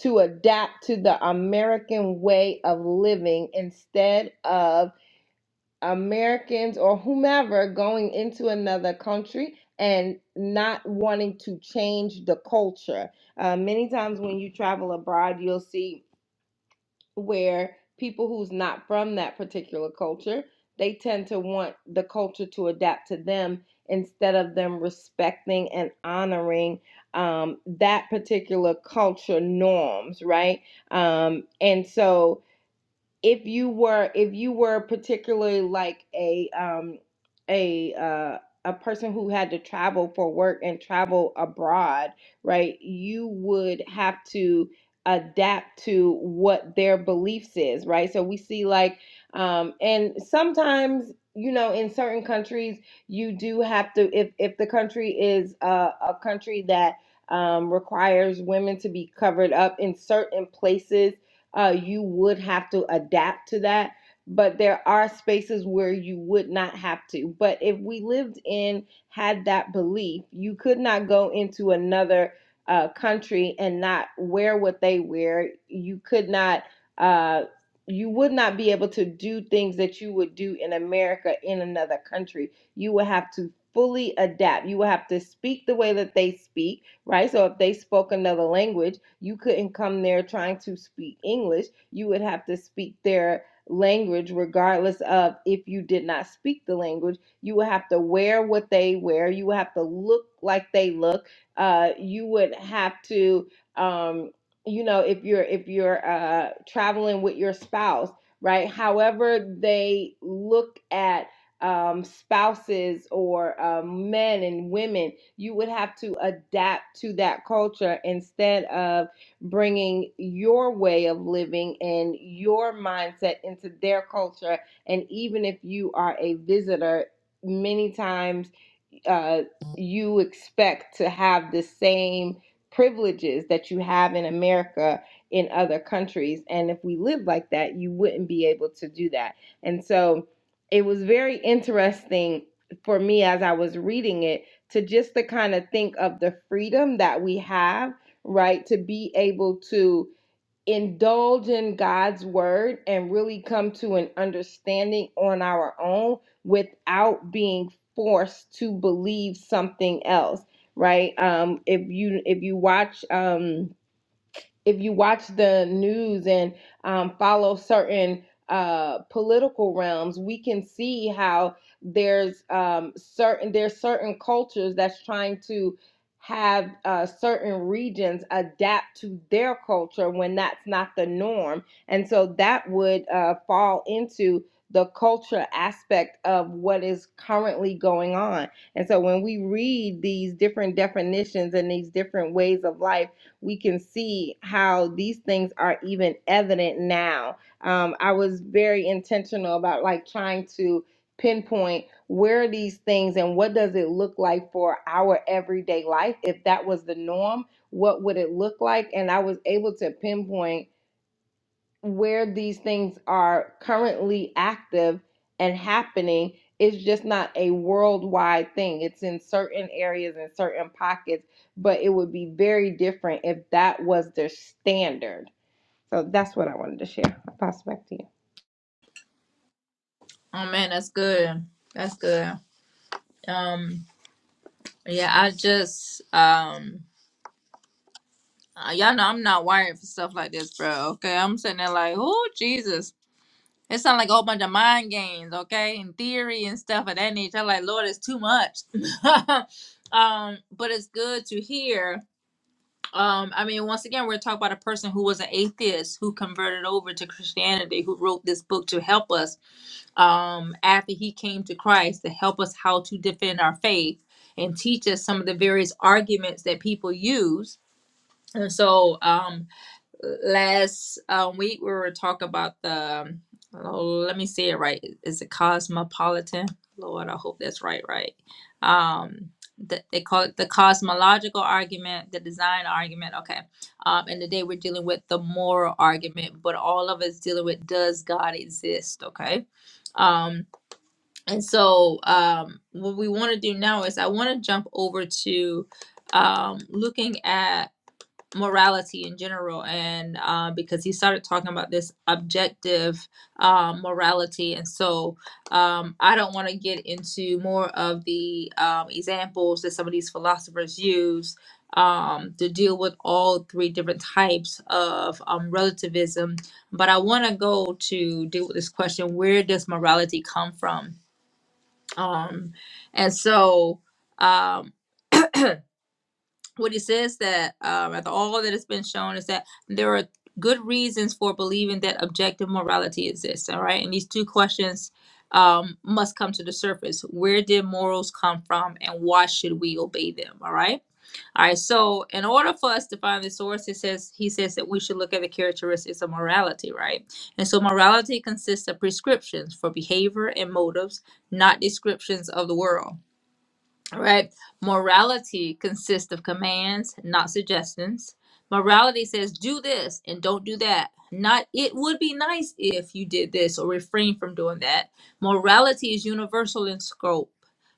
S2: to adapt to the American way of living instead of Americans or whomever going into another country and not wanting to change the culture. Uh, many times when you travel abroad, you'll see where people who's not from that particular culture, they tend to want the culture to adapt to them instead of them respecting and honoring um, that particular culture norms, right? Um, and so if you were if you were particularly like a um a uh a person who had to travel for work and travel abroad right you would have to adapt to what their beliefs is right so we see like um and sometimes you know in certain countries you do have to if if the country is a, a country that um, requires women to be covered up in certain places uh, you would have to adapt to that. But there are spaces where you would not have to. But if we lived in, had that belief, you could not go into another uh, country and not wear what they wear. You could not, uh, you would not be able to do things that you would do in America in another country. You would have to fully adapt. You would have to speak the way that they speak right? So if they spoke another language, you couldn't come there trying to speak English. You would have to speak their language, regardless of if you did not speak the language. You would have to wear what they wear. You would have to look like they look. Uh, you would have to, um, you know, if you're if you're uh, traveling with your spouse, right? However, they look at um, spouses or um, men and women, you would have to adapt to that culture instead of bringing your way of living and your mindset into their culture. And even if you are a visitor, many times uh, you expect to have the same privileges that you have in America in other countries. And if we lived like that, you wouldn't be able to do that. And so it was very interesting for me as I was reading it to just to kind of think of the freedom that we have, right? To be able to indulge in God's word and really come to an understanding on our own without being forced to believe something else, right? Um, if you if you watch um if you watch the news and um, follow certain uh, political realms, we can see how there's um, certain there's certain cultures that's trying to have uh, certain regions adapt to their culture when that's not the norm, and so that would uh, fall into the culture aspect of what is currently going on. And so when we read these different definitions and these different ways of life we can see how these things are even evident now. Um, I was very intentional about like trying to pinpoint where are these things and what does it look like for our everyday life if that was the norm what would it look like and i was able to pinpoint where these things are currently active and happening is just not a worldwide thing. It's in certain areas and certain pockets, but it would be very different if that was their standard. So that's what I wanted to share. I'll pass it back to you.
S1: Oh man, that's good. That's good. Um, Yeah, I just um uh, y'all know I'm not wired for stuff like this, bro. Okay. I'm sitting there like, oh Jesus. It sounds like a whole bunch of mind games, okay? And theory and stuff of that nature. I'm like, Lord, it's too much. um, but it's good to hear. Um, I mean, once again, we're talking about a person who was an atheist who converted over to Christianity, who wrote this book to help us um after he came to Christ to help us how to defend our faith and teach us some of the various arguments that people use And so um last um week we were talking about the um, oh, let me say it right. Is it cosmopolitan? Lord, I hope that's right, right. Um the, they call it the cosmological argument, the design argument. Okay. Um, and today we're dealing with the moral argument, but all of us dealing with does God exist? Okay. Um, and so um, what we want to do now is I want to jump over to um, looking at morality in general and uh, because he started talking about this objective uh, morality and so um, i don't want to get into more of the um, examples that some of these philosophers use um, to deal with all three different types of um, relativism but i want to go to deal with this question where does morality come from um, and so um, what he says that um, after all that has been shown is that there are good reasons for believing that objective morality exists. All right, and these two questions um, must come to the surface: Where did morals come from, and why should we obey them? All right, all right. So, in order for us to find the source, it says he says that we should look at the characteristics of morality, right? And so, morality consists of prescriptions for behavior and motives, not descriptions of the world. All right. Morality consists of commands, not suggestions. Morality says do this and don't do that. Not it would be nice if you did this or refrain from doing that. Morality is universal in scope.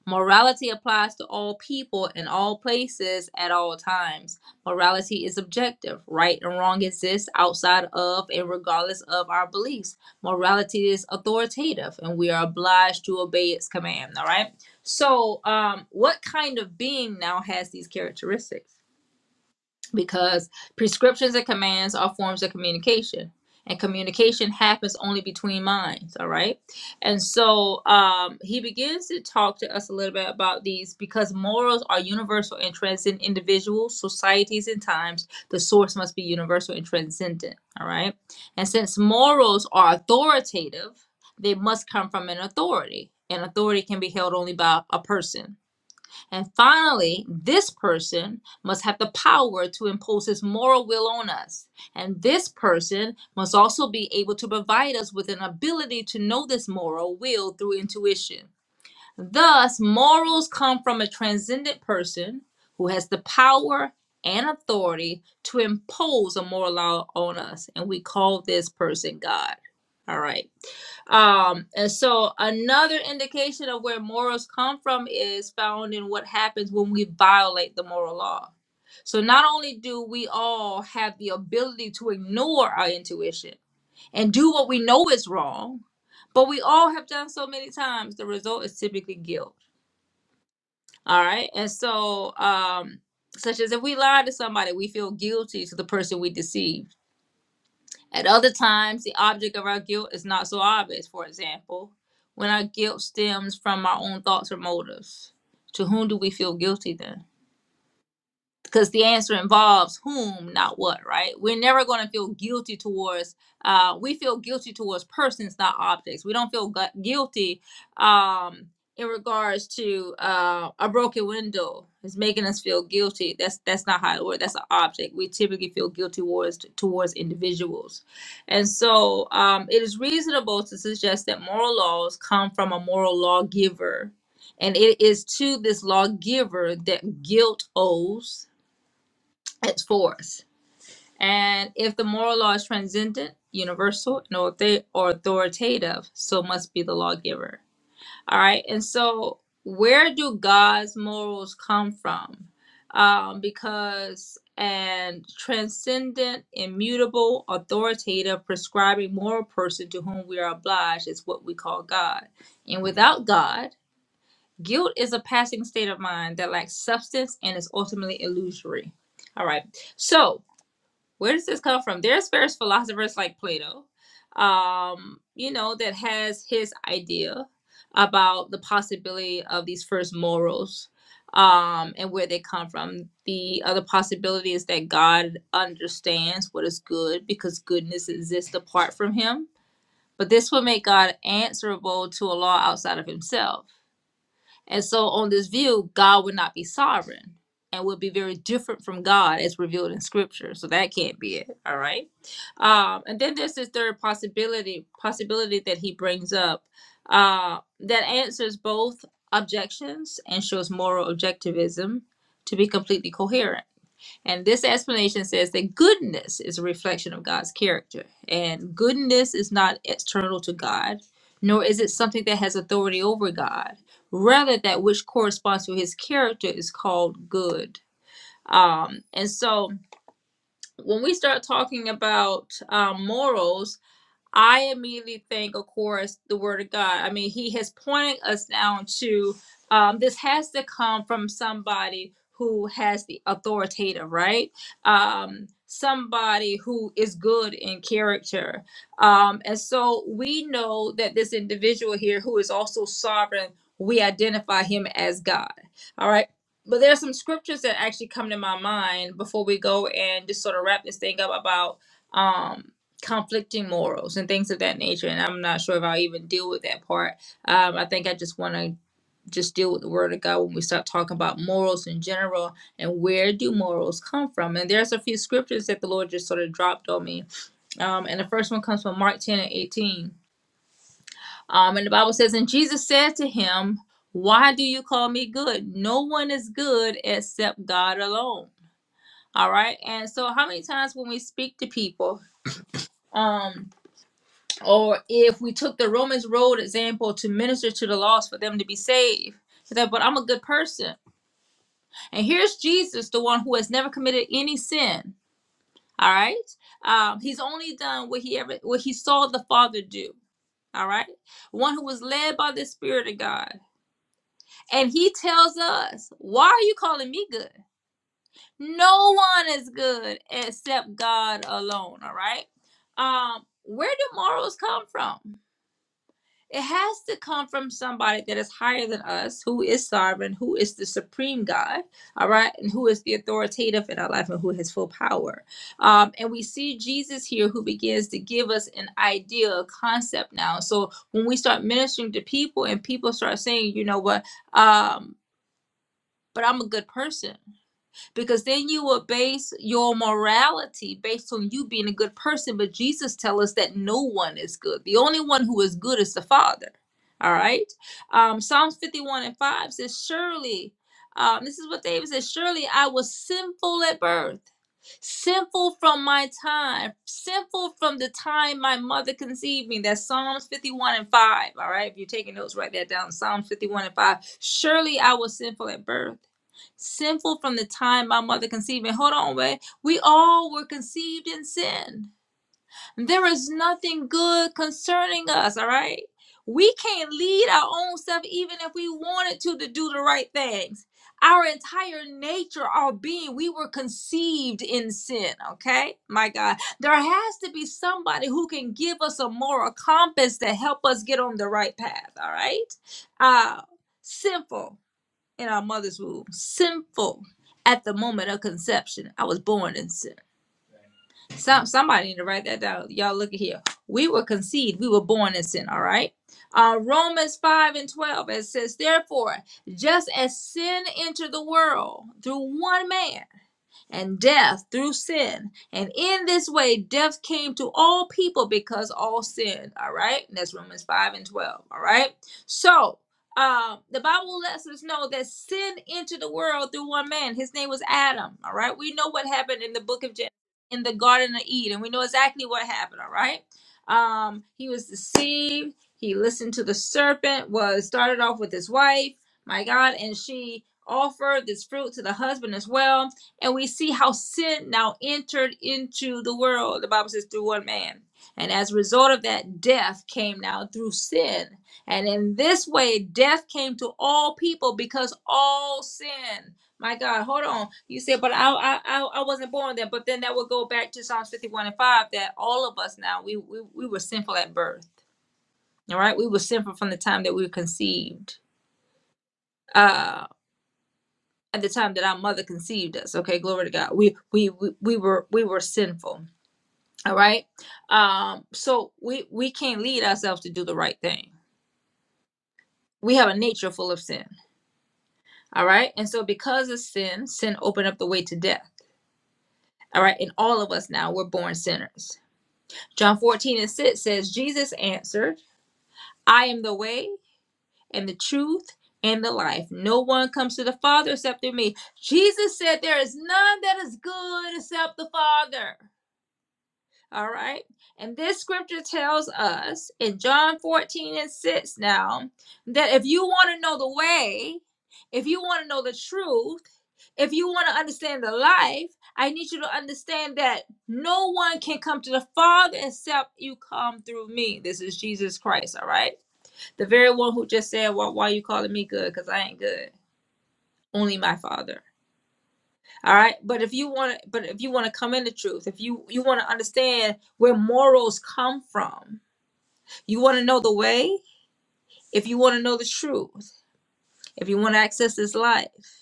S1: Morality applies to all people in all places at all times. Morality is objective. Right and wrong exist outside of and regardless of our beliefs. Morality is authoritative and we are obliged to obey its command. All right. So, um, what kind of being now has these characteristics? Because prescriptions and commands are forms of communication, and communication happens only between minds. All right. And so um, he begins to talk to us a little bit about these because morals are universal and transcend individuals, societies, and times. The source must be universal and transcendent. All right. And since morals are authoritative, they must come from an authority. And authority can be held only by a person and finally, this person must have the power to impose his moral will on us. And this person must also be able to provide us with an ability to know this moral will through intuition. Thus, morals come from a transcendent person who has the power and authority to impose a moral law on us. And we call this person God. All right. Um, and so another indication of where morals come from is found in what happens when we violate the moral law. So not only do we all have the ability to ignore our intuition and do what we know is wrong, but we all have done so many times, the result is typically guilt. All right. And so, um, such as if we lie to somebody, we feel guilty to the person we deceive at other times, the object of our guilt is not so obvious, for example, when our guilt stems from our own thoughts or motives. To whom do we feel guilty then? because the answer involves whom, not what, right? We're never going to feel guilty towards, uh, we feel guilty towards persons, not objects. We don't feel gu- guilty um, in regards to uh, a broken window. It's making us feel guilty. That's that's not how it works. That's an object. We typically feel guilty towards towards individuals, and so um, it is reasonable to suggest that moral laws come from a moral lawgiver, and it is to this lawgiver that guilt owes it's for us. And if the moral law is transcendent, universal, and authoritative, so must be the lawgiver. All right. And so, where do God's morals come from? Um, because an transcendent, immutable, authoritative, prescribing moral person to whom we are obliged is what we call God. And without God, guilt is a passing state of mind that lacks substance and is ultimately illusory. All right. So, where does this come from? There's various philosophers like Plato, um, you know, that has his idea about the possibility of these first morals um, and where they come from. The other possibility is that God understands what is good because goodness exists apart from him. But this would make God answerable to a law outside of himself. And so, on this view, God would not be sovereign and would be very different from God as revealed in Scripture. So that can't be it. All right. Um, and then there's this third possibility possibility that he brings up uh, that answers both objections and shows moral objectivism to be completely coherent. And this explanation says that goodness is a reflection of God's character. And goodness is not external to God, nor is it something that has authority over God. Rather, that which corresponds to his character is called good. Um, and so when we start talking about uh, morals, I immediately think, of course, the word of God. I mean, he has pointed us down to um, this has to come from somebody who has the authoritative, right? Um, somebody who is good in character. Um, and so we know that this individual here who is also sovereign, we identify him as God. All right. But there are some scriptures that actually come to my mind before we go and just sort of wrap this thing up about. um conflicting morals and things of that nature. And I'm not sure if I'll even deal with that part. Um, I think I just want to just deal with the word of God when we start talking about morals in general and where do morals come from. And there's a few scriptures that the Lord just sort of dropped on me. Um, and the first one comes from Mark 10 and 18. Um, and the Bible says, And Jesus said to him, Why do you call me good? No one is good except God alone. All right. And so, how many times when we speak to people, um, or if we took the Romans road example to minister to the lost for them to be saved. He said, but I'm a good person. And here's Jesus, the one who has never committed any sin. All right. Um, he's only done what he ever what he saw the Father do. All right. One who was led by the Spirit of God. And he tells us, Why are you calling me good? No one is good except God alone. All right. Um, where do morals come from? It has to come from somebody that is higher than us, who is sovereign, who is the supreme God, all right, and who is the authoritative in our life and who has full power. Um, and we see Jesus here who begins to give us an idea, a concept now. So when we start ministering to people and people start saying, you know what, um, but I'm a good person because then you will base your morality based on you being a good person but jesus tells us that no one is good the only one who is good is the father all right um, psalms 51 and 5 says surely um, this is what david says surely i was sinful at birth sinful from my time sinful from the time my mother conceived me that's psalms 51 and 5 all right if you're taking notes write that down psalms 51 and 5 surely i was sinful at birth sinful from the time my mother conceived me. Hold on, wait. We all were conceived in sin. There is nothing good concerning us, all right? We can't lead our own self even if we wanted to to do the right things. Our entire nature, our being, we were conceived in sin, okay? My God. There has to be somebody who can give us a moral compass to help us get on the right path, all right? Uh, sinful in our mother's womb, sinful at the moment of conception. I was born in sin. Some somebody need to write that down. Y'all look at here. We were conceived. We were born in sin. All right. Uh, Romans 5 and 12, it says, Therefore, just as sin entered the world through one man, and death through sin. And in this way, death came to all people because all sinned. All right. And that's Romans 5 and 12. All right. So um, the Bible lets us know that sin entered the world through one man. His name was Adam. All right. We know what happened in the book of Genesis in the Garden of Eden. We know exactly what happened. All right. Um, he was deceived. He listened to the serpent, was started off with his wife, my God, and she offered this fruit to the husband as well and we see how sin now entered into the world. The Bible says through one man. And as a result of that, death came now through sin. And in this way, death came to all people because all sin. My God, hold on. You said, but I, I, I I wasn't born then. But then that would go back to Psalms 51 and 5 that all of us now, we, we, we were sinful at birth. All right. We were sinful from the time that we were conceived Uh, at the time that our mother conceived us okay glory to god we we we, we were we were sinful all right um so we we can't lead ourselves to do the right thing we have a nature full of sin all right and so because of sin sin opened up the way to death all right and all of us now we're born sinners john 14 and 6 says jesus answered i am the way and the truth and the life no one comes to the father except through me jesus said there is none that is good except the father All right. And this scripture tells us in John 14 and 6 now that if you want to know the way, if you want to know the truth, if you want to understand the life, I need you to understand that no one can come to the Father except you come through me. This is Jesus Christ, all right? The very one who just said, well, why are you calling me good? Because I ain't good. Only my Father. All right. But if you want to, but if you want to come in the truth, if you you want to understand where morals come from, You want to know the way? If you want to know the truth, if you want to access this life,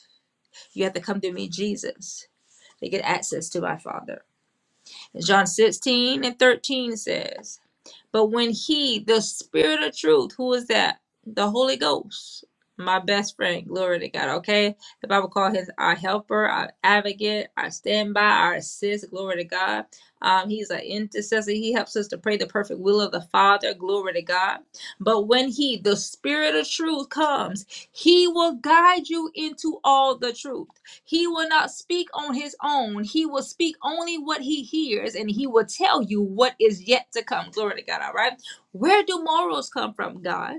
S1: you have to come to me, Jesus, to get access to my Father. John 16 and 13 says, But when he, the spirit of truth, who is that? The Holy Ghost, my best friend, glory to God. Okay. The Bible calls him our helper, our advocate, our standby, our assist, glory to God. Um, he's an intercessor. He helps us to pray the perfect will of the Father, glory to God. But when he, the spirit of truth, comes, he will guide you into all the truth. He will not speak on his own. He will speak only what he hears, and he will tell you what is yet to come. Glory to God. All right. Where do morals come from, God?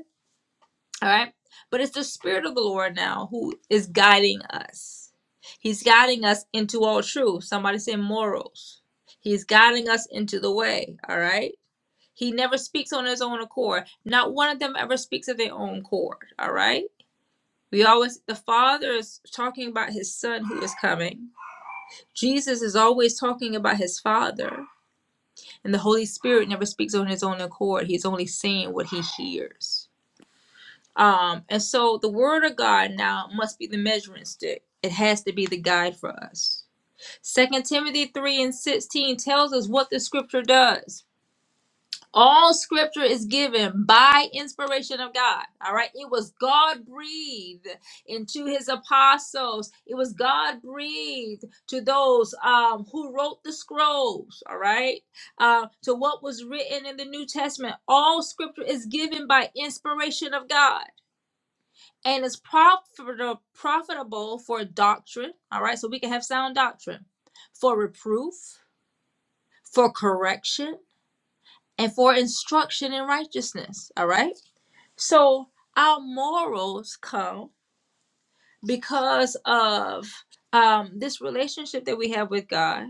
S1: All right. But it's the Spirit of the Lord now who is guiding us. He's guiding us into all truth. Somebody say morals. He's guiding us into the way. All right. He never speaks on his own accord. Not one of them ever speaks of their own accord. All right. We always, the Father is talking about his Son who is coming Jesus is always talking about his father, and the Holy Spirit never speaks on his own accord. He's only saying what he hears. Um, and so the word of God now must be the measuring stick. It has to be the guide for us. Second Timothy 3 and 16 tells us what the scripture does. All scripture is given by inspiration of God. All right. It was God breathed into his apostles. It was God breathed to those um, who wrote the scrolls. All right. Uh, to what was written in the New Testament. All scripture is given by inspiration of God and is profitable, profitable for doctrine. All right. So we can have sound doctrine, for reproof, for correction and for instruction in righteousness. All right. So our morals come because of um, this relationship that we have with God,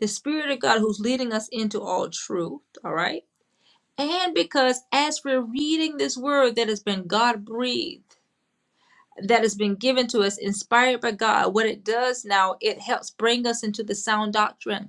S1: the Spirit of God who's leading us into all truth. All right. And because as we're reading this word that has been God breathed, that has been given to us, inspired by God, what it does now, it helps bring us into the sound doctrine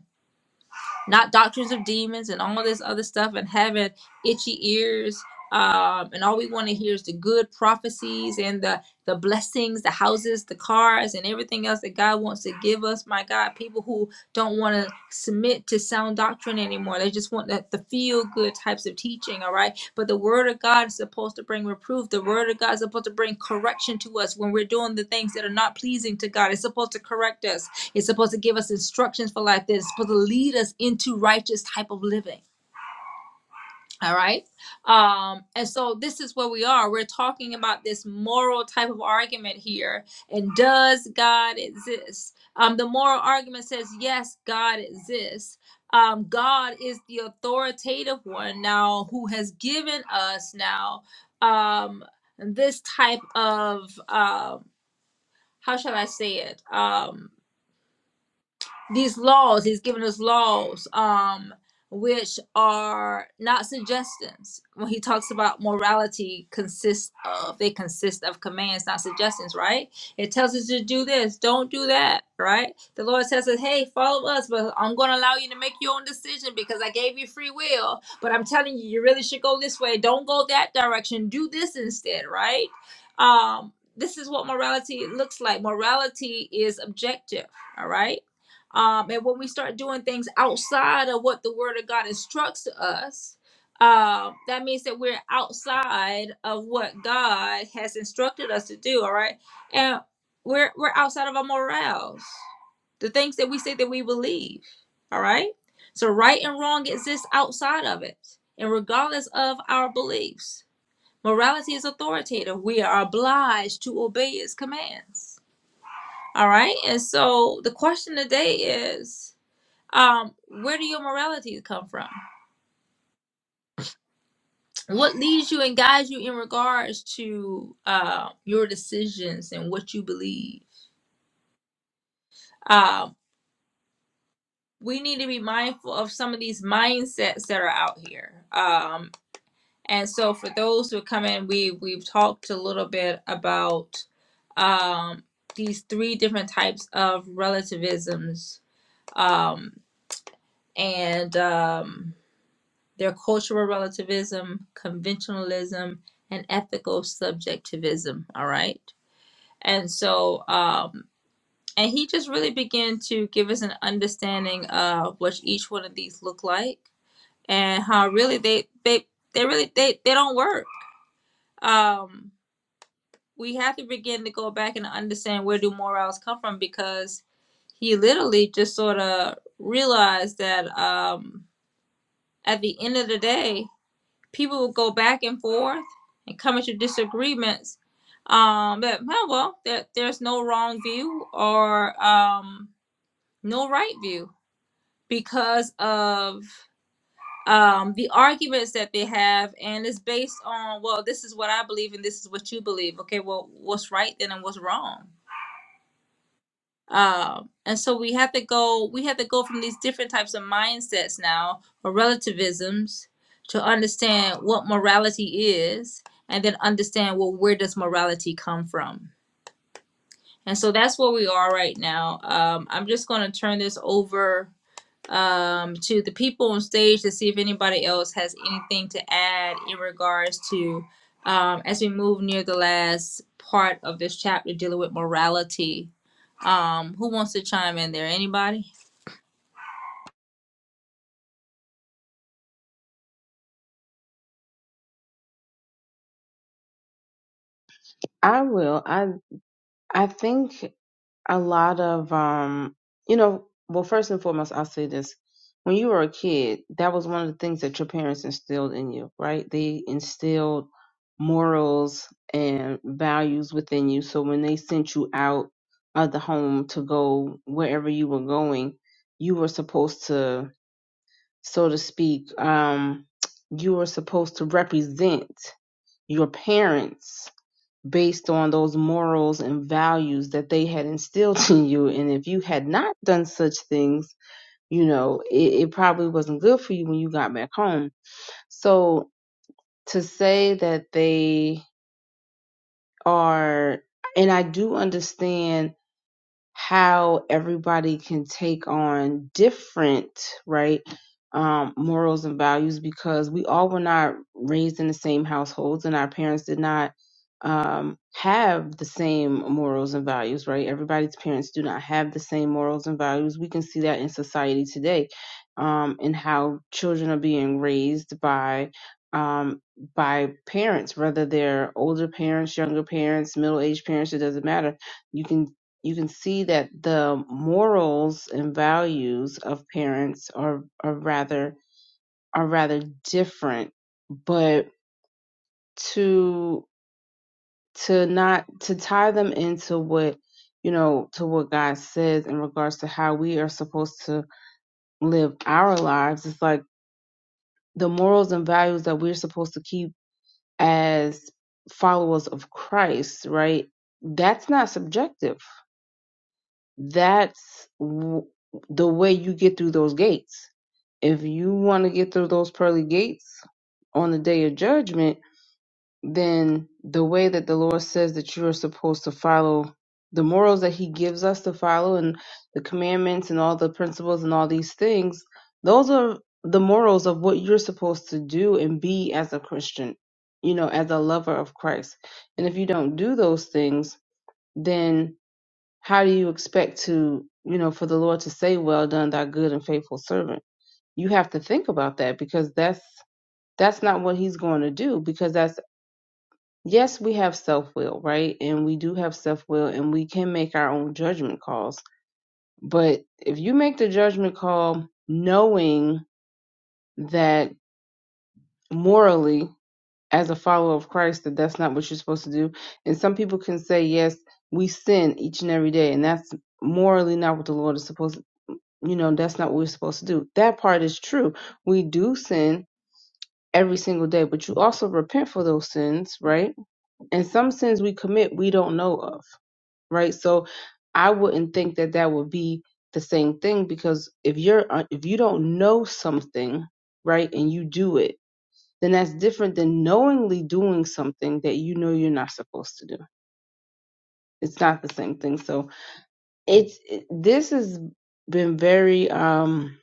S1: not doctrines of demons and all this other stuff and having itchy ears um, and all we want to hear is the good prophecies and the the blessings the houses the cars and everything else that god wants to give us my god people who don't want to submit to sound doctrine anymore they just want the, the feel good types of teaching all right but the word of god is supposed to bring reproof the word of god is supposed to bring correction to us when we're doing the things that are not pleasing to god it's supposed to correct us it's supposed to give us instructions for life. That's supposed to lead us into righteous type of living. All right. Um, and so this is where we are. We're talking about this moral type of argument here. And does God exist? Um, the moral argument says, yes, God exists. Um, God is the authoritative one now who has given us now um, this type of, um, how shall I say it? Um, these laws he's given us laws um which are not suggestions when he talks about morality consists of they consist of commands not suggestions right it tells us to do this don't do that right the lord tells us hey follow us but i'm going to allow you to make your own decision because i gave you free will but i'm telling you you really should go this way don't go that direction do this instead right um this is what morality looks like morality is objective all right um, and when we start doing things outside of what the word of god instructs us um, that means that we're outside of what god has instructed us to do all right and we're we're outside of our morals the things that we say that we believe all right so right and wrong exists outside of it and regardless of our beliefs morality is authoritative we are obliged to obey its commands all right and so the question today is um where do your morality come from what leads you and guides you in regards to uh your decisions and what you believe um we need to be mindful of some of these mindsets that are out here um and so for those who come in we we've talked a little bit about um these three different types of relativisms um and um, their cultural relativism, conventionalism, and ethical subjectivism. All right. And so, um, and he just really began to give us an understanding of what each one of these look like and how really they, they, they really, they, they don't work. Um, we have to begin to go back and understand where do morals come from because he literally just sort of realized that um, at the end of the day, people will go back and forth and come into disagreements. Um, that well, well, that there's no wrong view or um, no right view because of um, the arguments that they have, and it's based on well, this is what I believe and this is what you believe. Okay, well, what's right then and what's wrong? um and so we have to go we have to go from these different types of mindsets now or relativisms to understand what morality is and then understand well where does morality come from and so that's where we are right now um i'm just going to turn this over um to the people on stage to see if anybody else has anything to add in regards to um as we move near the last part of this chapter dealing with morality um, who wants to chime in there? Anybody?
S3: I will. I. I think a lot of um you know well first and foremost i'll say this when you were a kid that was one of the things that your parents instilled in you right they instilled morals and values within you so when they sent you out of the home to go wherever you were going you were supposed to so to speak um you were supposed to represent your parents based on those morals and values that they had instilled in you. And if you had not done such things, you know, it, it probably wasn't good for you when you got back home. So to say that they are, and I do understand how everybody can take on different right um, morals and values because we all were not raised in the same households and our parents did not um, have the same morals and values right everybody's parents do not have the same morals and values we can see that in society today um, and how children are being raised by um, by parents whether they're older parents younger parents middle-aged parents it doesn't matter you can you can see that the morals and values of parents are are rather are rather different but to to not to tie them into what you know to what God says in regards to how we are supposed to live our lives it's like the morals and values that we're supposed to keep as followers of Christ right that's not subjective That's w- the way you get through those gates. If you want to get through those pearly gates on the day of judgment, then the way that the Lord says that you are supposed to follow the morals that He gives us to follow and the commandments and all the principles and all these things, those are the morals of what you're supposed to do and be as a Christian, you know, as a lover of Christ. And if you don't do those things, then how do you expect to, you know, for the Lord to say, "Well done, thy good and faithful servant"? You have to think about that because that's that's not what He's going to do. Because that's yes, we have self will, right? And we do have self will, and we can make our own judgment calls. But if you make the judgment call knowing that morally, as a follower of Christ, that that's not what you're supposed to do, and some people can say, yes, we sin each and every day, and that's morally not what the Lord is supposed to. you know that's not what we're supposed to do that part is true we do sin every single day but you also repent for those sins right and some sins we commit we don't know of right so i wouldn't think that that would be the same thing because if you're uh, if you don't know something right and you do it then that's different than knowingly doing something that you know you're not supposed to do it's not the same thing so it's it, this has been very um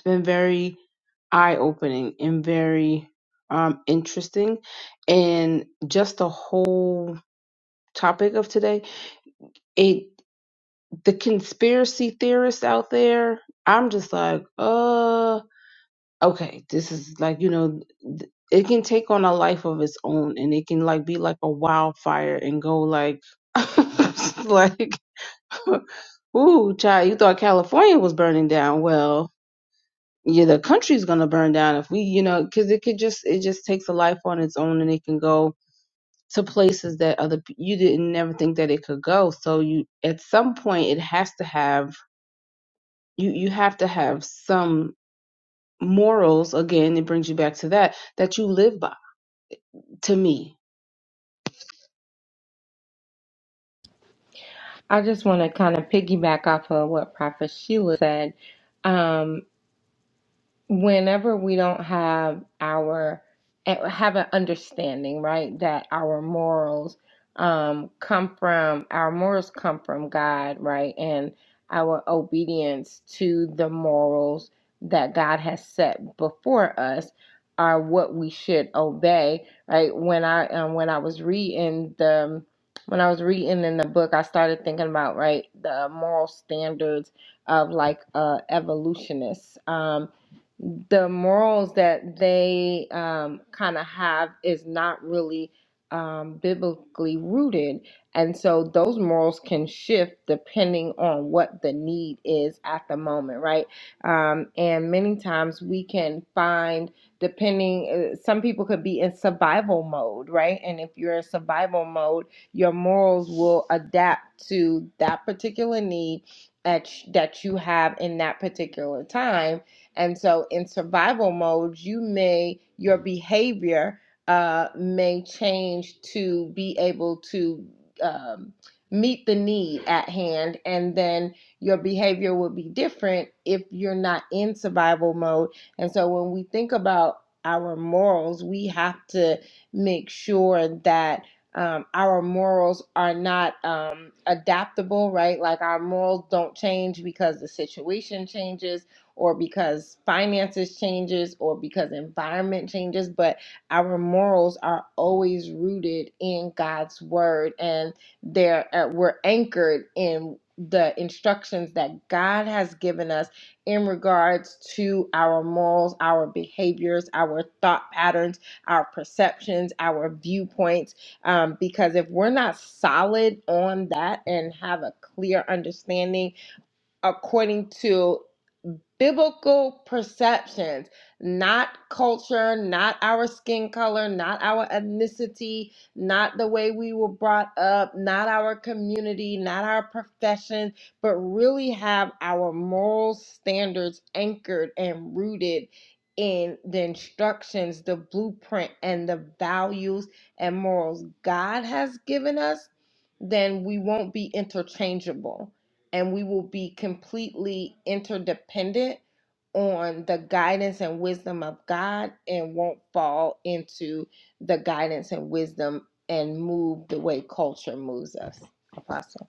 S3: it's been very eye opening and very um, interesting. And just the whole topic of today, it the conspiracy theorists out there, I'm just like, uh, okay, this is like, you know, th- it can take on a life of its own and it can like be like a wildfire and go like, like, ooh, child, you thought California was burning down. well. yeah, the country's gonna burn down if we, you know, because it could just it just takes a life on its own, and it can go to places that other pe- you didn't never think that it could go. So you, at some point, it has to have you. You have to have some morals. Again, it brings you back to that that you live by. To me,
S2: I just want to kind of piggyback off of what Prophet Sheila said. Um, whenever we don't have our eh, have an understanding right that our morals um come from our morals come from god right and our obedience to the morals that god has set before us are what we should obey right when i um, when i was reading the when i was reading in the book i started thinking about right the moral standards of like uh evolutionists um the morals that they um, kind of have is not really um, biblically rooted. And so those morals can shift depending on what the need is at the moment, right? Um, and many times we can find, depending, uh, some people could be in survival mode, right? And if you're in survival mode, your morals will adapt to that particular need at, that you have in that particular time and so in survival mode, you may, your behavior uh, may change to be able to um, meet the need at hand. And then your behavior will be different if you're not in survival mode. And so when we think about our morals, we have to make sure that um, our morals are not um, adaptable, right? Like our morals don't change because the situation changes or because finances changes or because environment changes but our morals are always rooted in God's word and they're uh, we're anchored in the instructions that God has given us in regards to our morals, our behaviors, our thought patterns, our perceptions, our viewpoints. Um, because if we're not solid on that and have a clear understanding according to biblical perceptions, not culture, not our skin color, not our ethnicity, not the way we were brought up, not our community, not our profession, but really have our moral standards anchored and rooted in the instructions, the blueprint, and the values and morals God has given us, then we won't be interchangeable and we will be completely interdependent on the guidance and wisdom of God and won't fall into the guidance and wisdom and move the way culture moves us. Apostle.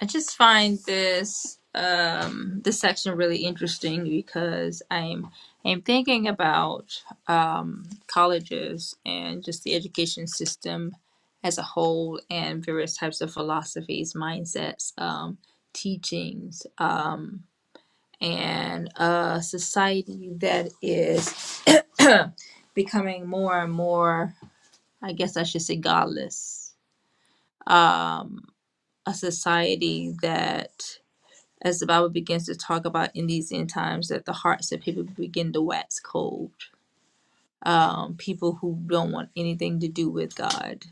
S1: I just find this um this section really interesting because I'm I'm thinking about um colleges and just the education system as a whole and various types of philosophies, mindsets, um, teachings, um, and a society that is becoming more and more, I guess I should say godless. A society that as the Bible begins to talk about in these end times, that the hearts of people begin to wax cold. Um, people who don't want anything to do with God.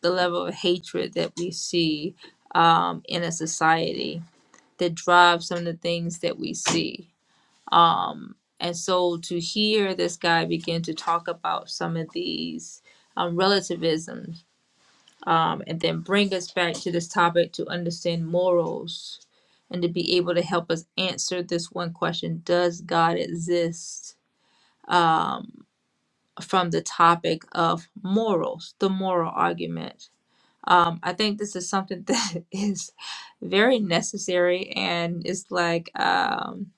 S1: The level of hatred that we see um, in a society that drives some of the things that we see. Um, and so to hear this guy begin to talk about some of these um, relativisms um, and then bring us back to this topic to understand morals and to be able to help us answer this one question Does God exist? Um, from the topic of morals, the moral argument. Um, I think this is something that is very necessary, and it's like um,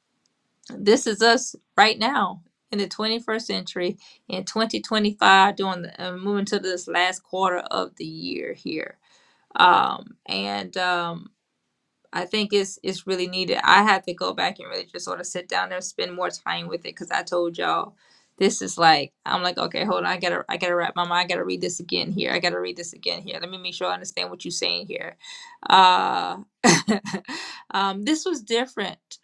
S1: this is us right now in the 21st century in 2025, doing the, uh, moving to this last quarter of the year here um and um i think it's it's really needed i had to go back and really just sort of sit down there spend more time with it because i told y'all this is like i'm like okay hold on i gotta i gotta wrap my mind i gotta read this again here i gotta read this again here let me make sure i understand what you're saying here uh um this was different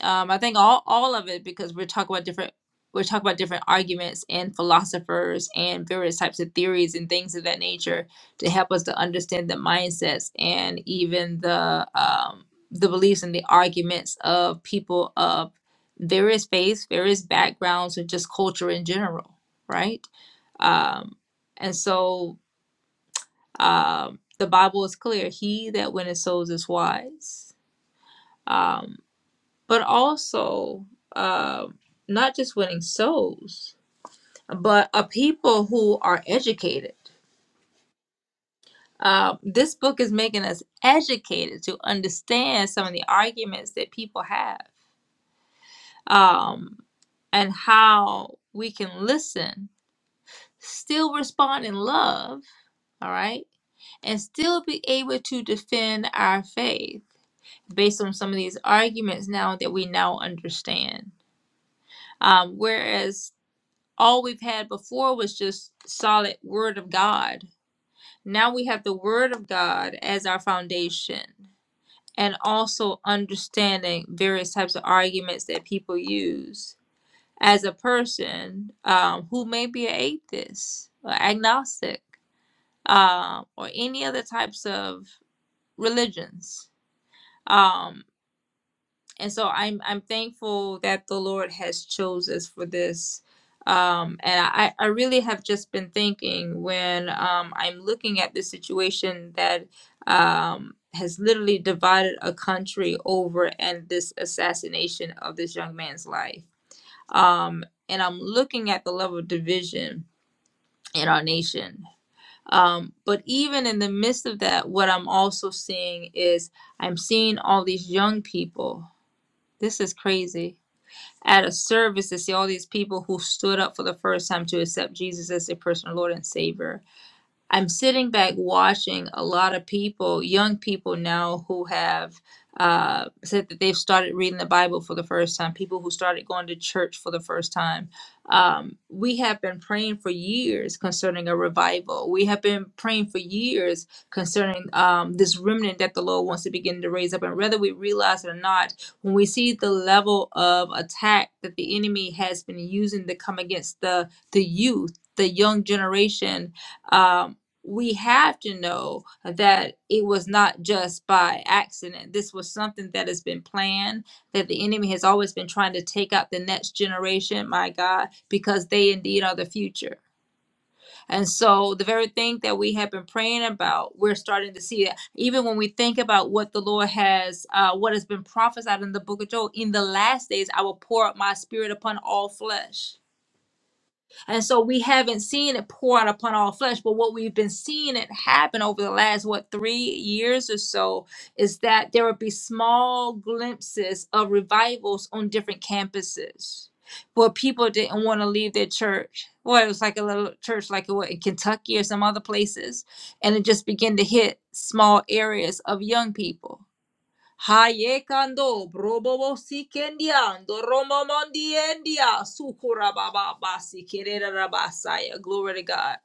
S1: um, I think all all of it because we're talking about different we're talking about different arguments and philosophers and various types of theories and things of that nature to help us to understand the mindsets and even the um, the beliefs and the arguments of people of various faiths, various backgrounds, and just culture in general, right? Um, and so um, the Bible is clear: he that winneth souls is wise. Um, but also um not just winning souls, but a people who are educated. Um, this book is making us educated to understand some of the arguments that people have um, and how we can listen, still respond in love, all right, and still be able to defend our faith based on some of these arguments now that we now understand. Um, whereas all we've had before was just solid word of god now we have the word of god as our foundation and also understanding various types of arguments that people use as a person um, who may be an atheist or agnostic um, or any other types of religions um, and so I'm I'm thankful that the Lord has chose us for this. Um, and I, I really have just been thinking when um, I'm looking at this situation that um, has literally divided a country over and this assassination of this young man's life. Um, and I'm looking at the level of division in our nation. Um, but even in the midst of that, what I'm also seeing is I'm seeing all these young people. This is crazy at a service to see all these people who stood up for the first time to accept Jesus as their personal Lord and Savior. I'm sitting back watching a lot of people, young people now, who have uh, said that they've started reading the Bible for the first time, people who started going to church for the first time. Um, we have been praying for years concerning a revival. We have been praying for years concerning um, this remnant that the Lord wants to begin to raise up. And whether we realize it or not, when we see the level of attack that the enemy has been using to come against the, the youth, the young generation, um, we have to know that it was not just by accident. This was something that has been planned, that the enemy has always been trying to take out the next generation, my God, because they indeed are the future. And so the very thing that we have been praying about, we're starting to see it. Even when we think about what the Lord has, uh, what has been prophesied in the book of Joel, in the last days, I will pour out my spirit upon all flesh. And so we haven't seen it pour out upon all flesh, but what we've been seeing it happen over the last, what, three years or so is that there would be small glimpses of revivals on different campuses where people didn't want to leave their church. Well, it was like a little church, like it was in Kentucky or some other places, and it just began to hit small areas of young people. Hayekando, brobobo sikendiando, romomondiendia, sukurababa, sikererabasaya. Glory to God.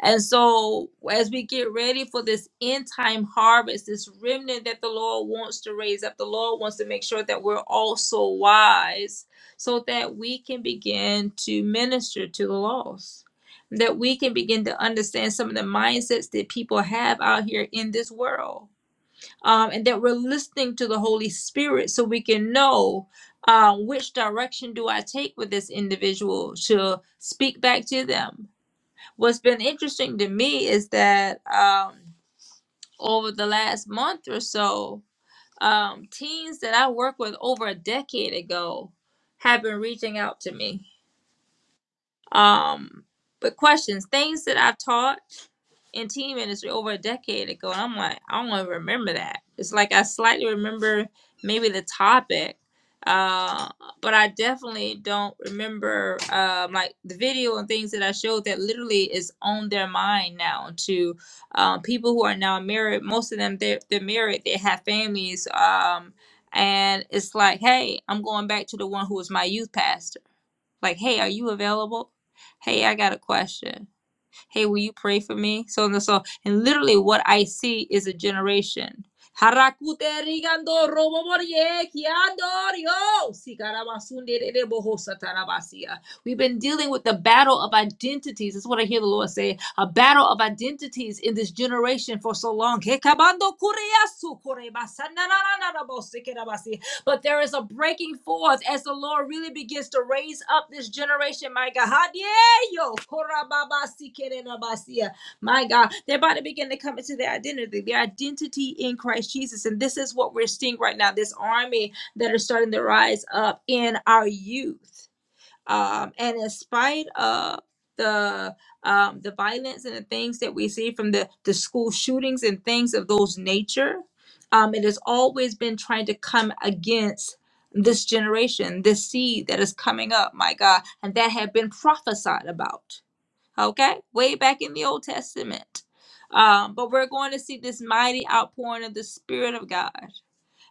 S1: And so, as we get ready for this end time harvest, this remnant that the Lord wants to raise up, the Lord wants to make sure that we're also wise so that we can begin to minister to the lost. That we can begin to understand some of the mindsets that people have out here in this world um, and that we're listening to the Holy Spirit so we can know uh, which direction do I take with this individual to speak back to them. What's been interesting to me is that um, over the last month or so, um, teens that I worked with over a decade ago have been reaching out to me. Um, but questions, things that I've taught in team ministry over a decade ago. And I'm like, I don't even remember that. It's like I slightly remember maybe the topic, uh, but I definitely don't remember um, like the video and things that I showed that literally is on their mind now to um, people who are now married. Most of them, they're, they're married, they have families. Um, and it's like, hey, I'm going back to the one who was my youth pastor. Like, hey, are you available? Hey, I got a question hey, will you pray for me? So and so. And literally what I see is a generation. Harakute rigando robo morie kiando Sikarabasunde rere boho satarabasia. We've been dealing with the battle of identities. That's what I hear the Lord say. A battle of identities in this generation for so long. Hekabando kureyasu korebasa nanananarabo sikerabasi. But there is a breaking forth as the Lord really begins to raise up this generation, my God. Hadieyo, korababasikerenabasia. My God, they're about to begin to come into their identity, their identity in Christ Jesus. And this is what we're seeing right now this army that are starting to rise up in our youth um, and in spite of the um, the violence and the things that we see from the the school shootings and things of those nature, um, it has always been trying to come against this generation, this seed that is coming up, my God, and that had been prophesied about, okay, way back in the Old Testament. Um, but we're going to see this mighty outpouring of the Spirit of God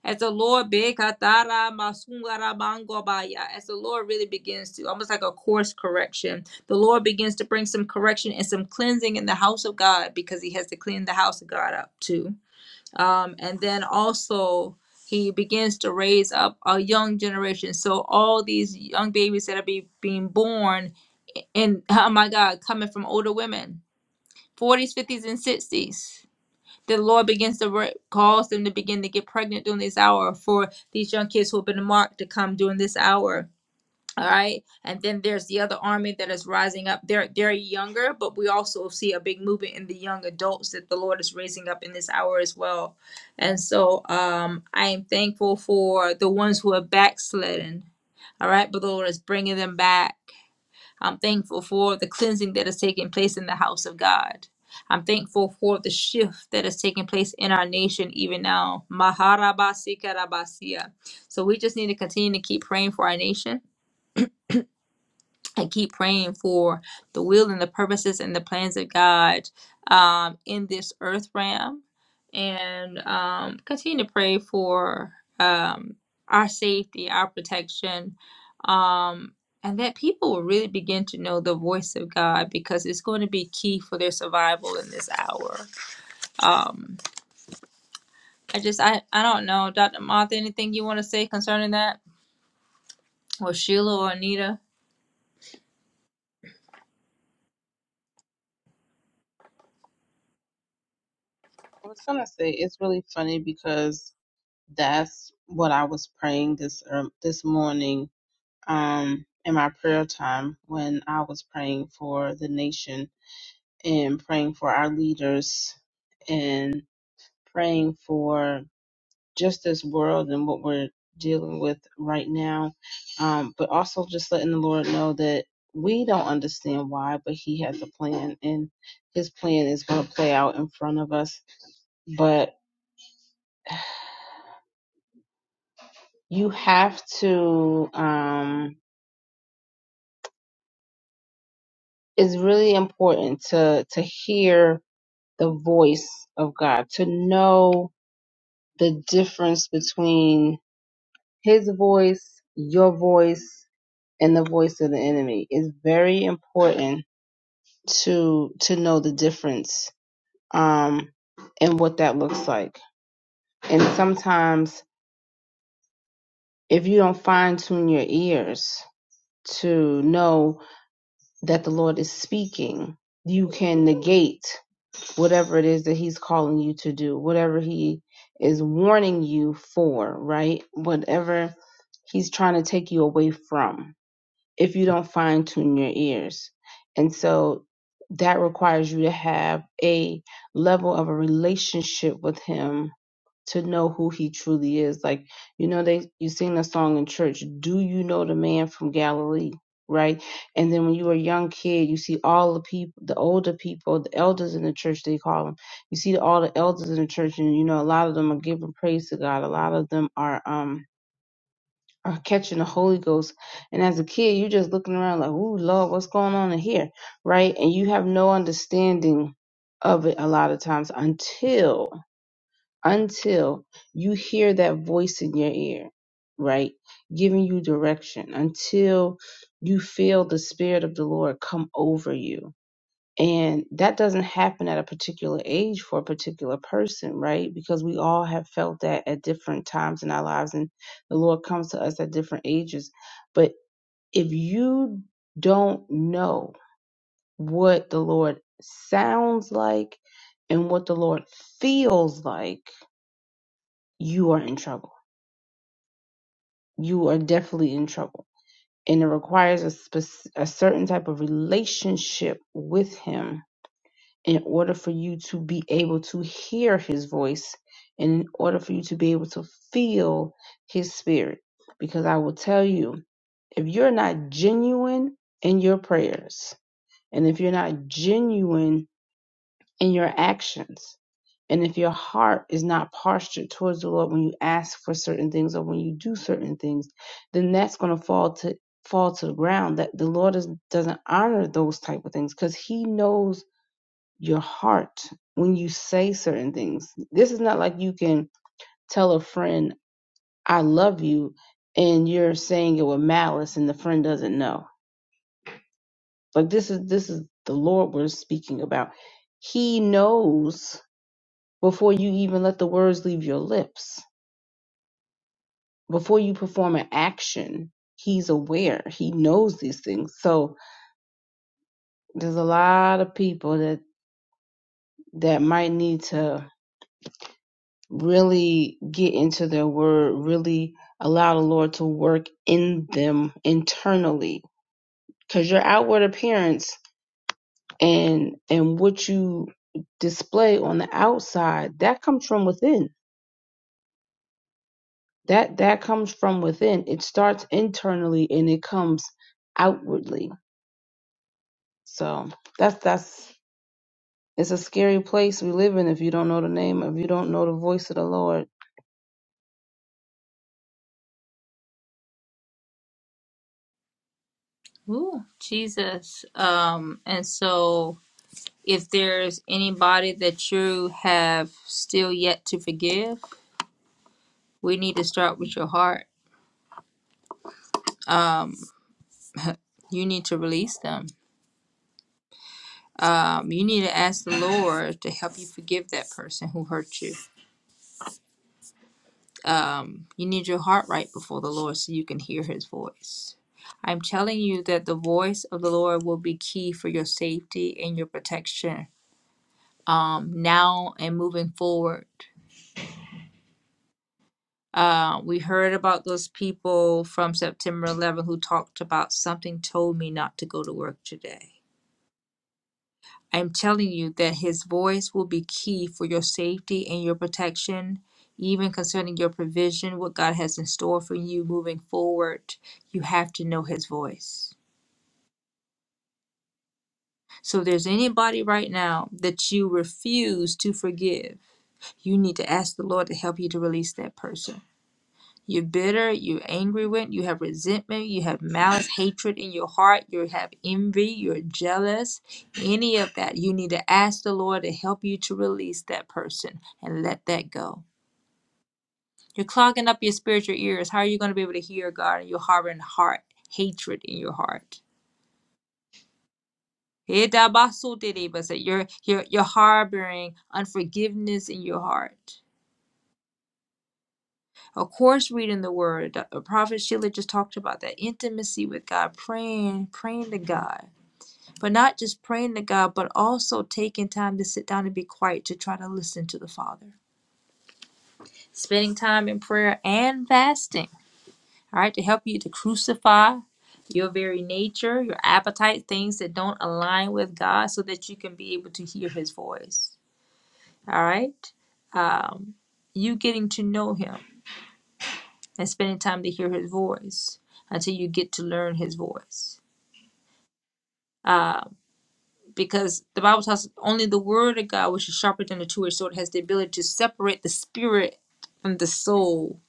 S1: as the Lord Bekatara Masungara Bangobaya, as the Lord really begins to almost like a course correction, the Lord begins to bring some correction and some cleansing in the house of God because He has to clean the house of God up too. Um, and then also He begins to raise up a young generation. So all these young babies that are be, being born and oh my God, coming from older women, 40s, 50s, and 60s the Lord begins to re- cause them to begin to get pregnant during this hour for these young kids who have been marked to come during this hour. All right, and then there's the other army that is rising up. They're they're younger, but we also see a big movement in the young adults that the Lord is raising up in this hour as well. And so um, I am thankful for the ones who are backslidden. All right, but the Lord is bringing them back. I'm thankful for the cleansing that has taken place in the house of God. I'm thankful for the shift that is taking place in our nation even now. Maharabasi Karabasia. So we just need to continue to keep praying for our nation and keep praying for the will and the purposes and the plans of God um, in this earth realm, and um, continue to pray for um, our safety, our protection, um, and that people will really begin to know the voice of God because it's going to be key for their survival in this hour. Um, I just, I, I don't know, Dr. Martha, anything you want to say concerning that, or Sheila or Anita?
S3: I was gonna say it's really funny because that's what I was praying this um, this morning um in my prayer time when I was praying for the nation and praying for our leaders and praying for just this world and what we're dealing with right now. Um, but also just letting the Lord know that we don't understand why, but He has a plan and His plan is going to play out in front of us. But you have to, um, it's really important to, to hear the voice of God, to know the difference between his voice, your voice, and the voice of the enemy. It's very important to to know the difference um and what that looks like. And sometimes if you don't fine tune your ears to know that the Lord is speaking, you can negate whatever it is that he's calling you to do, whatever he is warning you for, right? Whatever he's trying to take you away from if you don't fine tune your ears. And so that requires you to have a level of a relationship with him to know who he truly is. Like, you know, they you sing the song in church, Do you know the man from Galilee? Right. And then when you were a young kid, you see all the people, the older people, the elders in the church, they call them. You see all the elders in the church, and you know, a lot of them are giving praise to God. A lot of them are, um, are catching the Holy Ghost. And as a kid, you're just looking around like, ooh, Lord, what's going on in here? Right? And you have no understanding of it a lot of times until until you hear that voice in your ear, right? Giving you direction, until you feel the spirit of the Lord come over you and that doesn't happen at a particular age for a particular person, right? Because we all have felt that at different times in our lives, and the Lord comes to us at different ages. But if you don't know what the Lord sounds like and what the Lord feels like, you are in trouble. You are definitely in trouble. And it requires a, spec- a certain type of relationship with Him in order for you to be able to hear his voice, in order for you to be able to feel his spirit. Because I will tell you, if you're not genuine in your prayers, and if you're not genuine in your actions, and if your heart is not postured towards the Lord when you ask for certain things or when you do certain things, then that's going to fall to fall to the ground that the Lord is, doesn't honor those type of things because he knows your heart when you say certain things. This is not like you can tell a friend, I love you, and you're saying it with malice and the friend doesn't know. Like this is this is the Lord we're speaking about. He knows before you even let the words leave your lips, before you perform an action. He's aware. He knows these things. So there's a lot of people that that might need to really get into their word, really allow the Lord to work in them internally. Cause your outward appearance and and what you display on the outside, that comes from within. That that comes from within. It starts internally and it comes outwardly. So that's that's it's a scary place we live in if you don't know the name, if you don't know the voice of the Lord
S1: Ooh, Jesus. Um, and so. if there's anybody that you have still yet to forgive, we need to start with your heart. You need to release them. Um, you need to ask the Lord to help you forgive that person who hurt you. Um, you need your heart right before the Lord so you can hear his voice. I'm telling you that the voice of the Lord will be key for your safety and your protection um, now and moving forward. Uh, we heard about those people from September 11 who talked about something told me not to go to work today. I'm telling you that his voice will be key for your safety and your protection, even concerning your provision, what God has in store for you moving forward. You have to know his voice. So, if there's anybody right now that you refuse to forgive, you need to ask the Lord to help you to release that person You're bitter, you're angry with, you have resentment, you have malice, hatred in your heart, you have envy, you're jealous. Any of that, you need to ask the Lord to help you to release that person and let that go. You're clogging up your spiritual ears. How are you going to be able to hear God? And You're harboring heart hatred in your heart. You're, you're, you're harboring unforgiveness in your heart. Of course, reading the word. The Prophet Sheila just talked about that intimacy with God, praying, praying to God, but not just praying to God, but also taking time to sit down and be quiet to try to listen to the Father. Spending time in prayer and fasting, all right, to help you to crucify your very nature, your appetite, things that don't align with God, so that you can be able to hear His voice. All right, um, you getting to know Him and spending time to hear his voice until you get to learn his voice. Because the Bible tells us only the word of God, which is sharper than a two edged sword, has the ability to separate the spirit from the soul.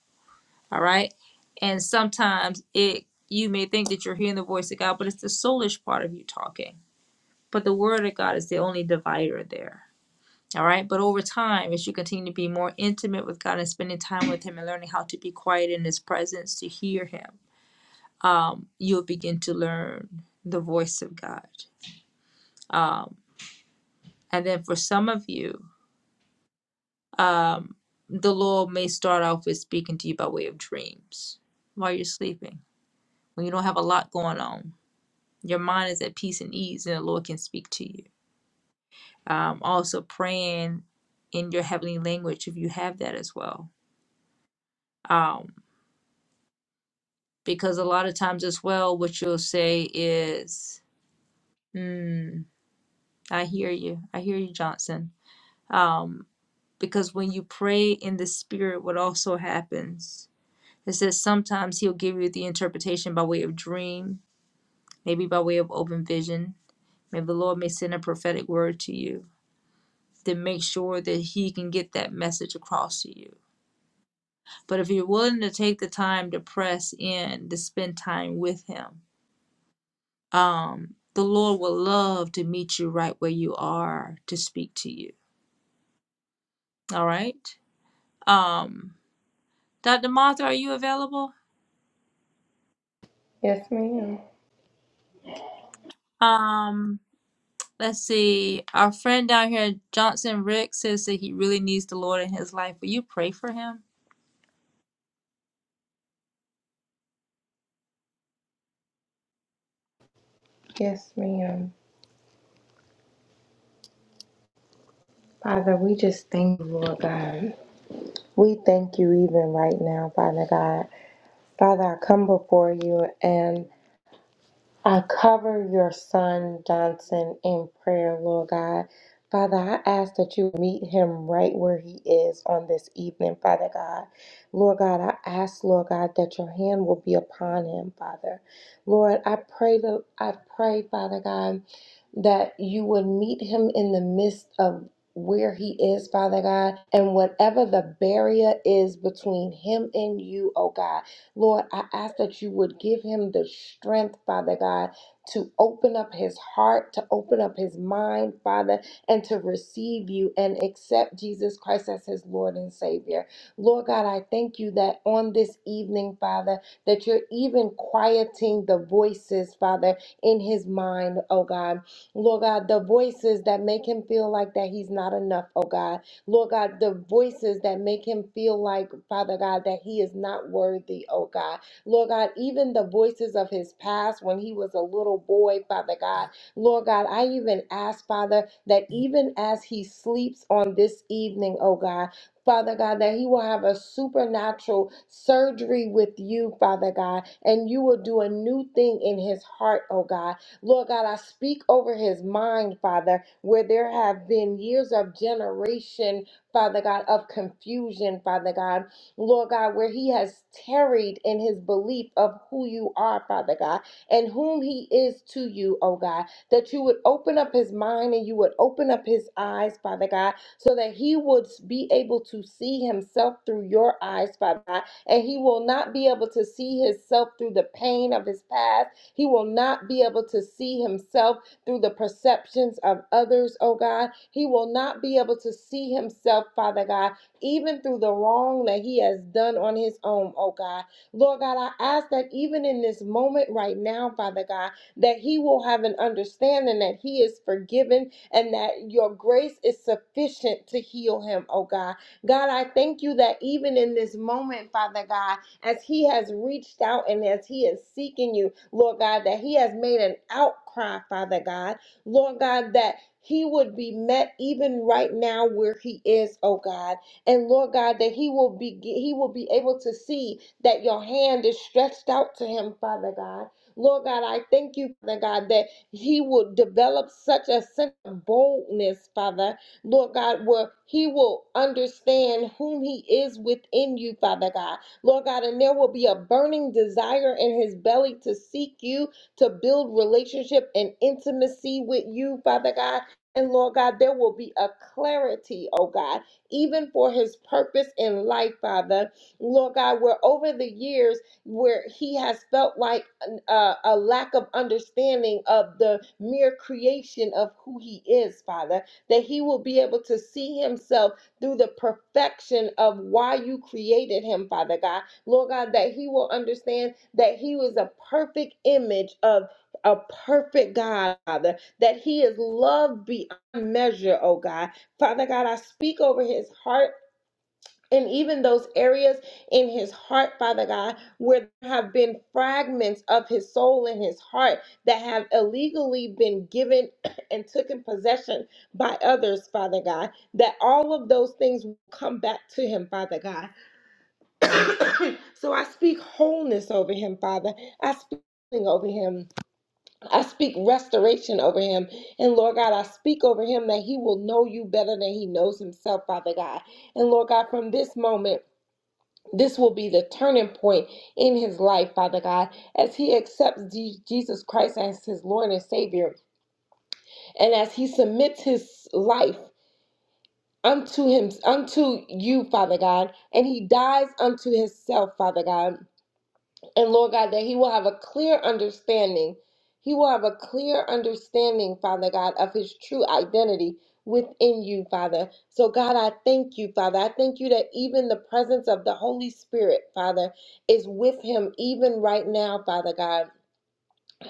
S1: All right. And sometimes it you may think that you're hearing the voice of God, but it's the soulish part of you talking. But the word of God is the only divider there. All right. But over time, as you continue to be more intimate with God and spending time with Him and learning how to be quiet in His presence to hear Him you'll begin to learn the voice of God. Um, and then for some of you, um, the Lord may start off with speaking to you by way of dreams while you're sleeping, when you don't have a lot going on. Your mind is at peace and ease, and the Lord can speak to you. Um, also, praying in your heavenly language if you have that as well. Um, because a lot of times, as well, what you'll say is, mm, I hear you. I hear you, Johnson. Um, because when you pray in the spirit, what also happens? It says sometimes he'll give you the interpretation by way of dream, maybe by way of open vision. Maybe the Lord may send a prophetic word to you Then make sure that he can get that message across to you. But if you're willing to take the time to press in, to spend time with him, um, the Lord will love to meet you right where you are to speak to you. All right. Um, Dr. Martha, are you available?
S2: Yes, ma'am.
S1: Um, Let's see. Our friend down here, Johnson Rick, says that he really needs the Lord in his life. Will you pray for him?
S2: Yes, ma'am. Father, we just thank you, Lord God. We thank you even right now, Father God. Father, I come before you and. I cover your son Johnson in prayer, Lord God. Father, I ask that you meet him right where he is on this evening, Father God. Lord God, I ask, Lord God, that your hand will be upon him, Father. Lord, I pray that I pray, Father God, that you would meet him in the midst of where he is, Father God, and whatever the barrier is between him and you, oh God. Lord, I ask that you would give him the strength, Father God, to open up his heart, to open up his mind, Father, and to receive you and accept Jesus Christ as his Lord and Savior. Lord God, I thank you that on this evening, Father, that you're even quieting the voices, Father, in his mind, oh God. Lord God, the voices that make him feel like that he's not enough, oh God Lord God, the voices that make him feel like, Father God, that he is not worthy, oh God. Lord God, even the voices of his past when he was a little boy, Father God. Lord God, I even ask, Father, that even as he sleeps on this evening, oh God, Father God, that he will have a supernatural surgery with you, Father God, and you will do a new thing in his heart, oh God. Lord God, I speak over his mind, Father, where there have been years of generation, Father God, of confusion, Father God, Lord God, where he has tarried in his belief of who you are, Father God, and whom he is to you, oh God, that you would open up his mind and you would open up his eyes, Father God, so that he would be able to see himself through your eyes, Father God, and he will not be able to see himself through the pain of his past. He will not be able to see himself through the perceptions of others, oh God. He will not be able to see himself, Father God, even through the wrong that he has done on his own, oh God. Lord God, I ask that even in this moment right now, Father God, that he will have an understanding that he is forgiven and that your grace is sufficient to heal him, oh God. God, I thank you that even in this moment, Father God, as he has reached out and as he is seeking you, Lord God, that he has made an outcry, Father God, Lord God, that he would be met even right now where he is, oh God. And Lord God, that he will be he will be able to see that your hand is stretched out to him, Father God. Lord God, I thank you, Father God, that he will develop such a sense of boldness, Father, Lord God, where he will understand whom he is within you, Father God. Lord God, and there will be a burning desire in his belly to seek you, to build relationship and intimacy with you, Father God. And Lord God, there will be a clarity, oh God, even for his purpose in life, Father. Lord God, where over the years, where he has felt like a, a lack of understanding of the mere creation of who he is, Father, that he will be able to see himself through the perfection of why you created him, Father God. Lord God, that he will understand that he was a perfect image of a perfect God, Father, that he is loved beyond measure, oh God. Father God, I speak over his heart and even those areas in his heart, Father God, where there have been fragments of his soul and his heart that have illegally been given and taken possession by others, Father God, that all of those things will come back to him, Father God. so I speak wholeness over him, Father. I speak healing over him. I speak restoration over him. And Lord God, I speak over him that he will know you better than he knows himself, Father God. And Lord God, from this moment, this will be the turning point in his life, Father God, as he accepts Je- Jesus Christ as his Lord and Savior, and as he submits his life unto him, unto you, Father God, and he dies unto himself, Father God. And Lord God, that he will have a clear understanding. He will have a clear understanding, Father God, of his true identity within you, Father. So, God, I thank you, Father. I thank you that even the presence of the Holy Spirit, Father, is with him even right now, Father God.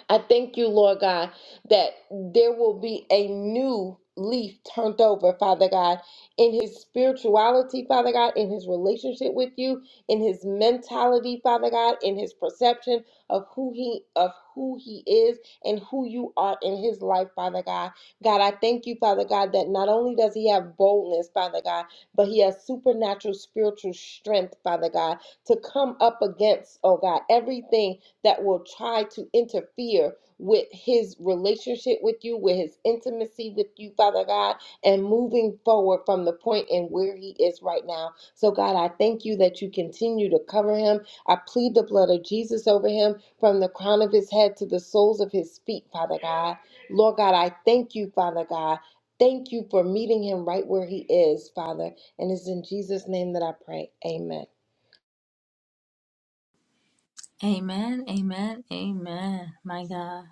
S2: I thank you, Lord God, that there will be a new leaf turned over, Father God, in his spirituality, Father God, in his relationship with you, in his mentality, Father God, in his perception of who he of who he is and who you are in his life, Father God. God, I thank you, Father God, that not only does he have boldness, Father God, but he has supernatural spiritual strength, Father God, to come up against, oh God, everything that will try to interfere with his relationship with you, with his intimacy with you, Father God, and moving forward from the point and where he is right now. So, God, I thank you that you continue to cover him. I plead the blood of Jesus over him from the crown of his head to the soles of his feet, Father God. Lord God, I thank you, Father God. Thank you for meeting him right where he is, Father. And it's in Jesus' name that I pray. Amen.
S1: Amen. Amen. Amen. My God.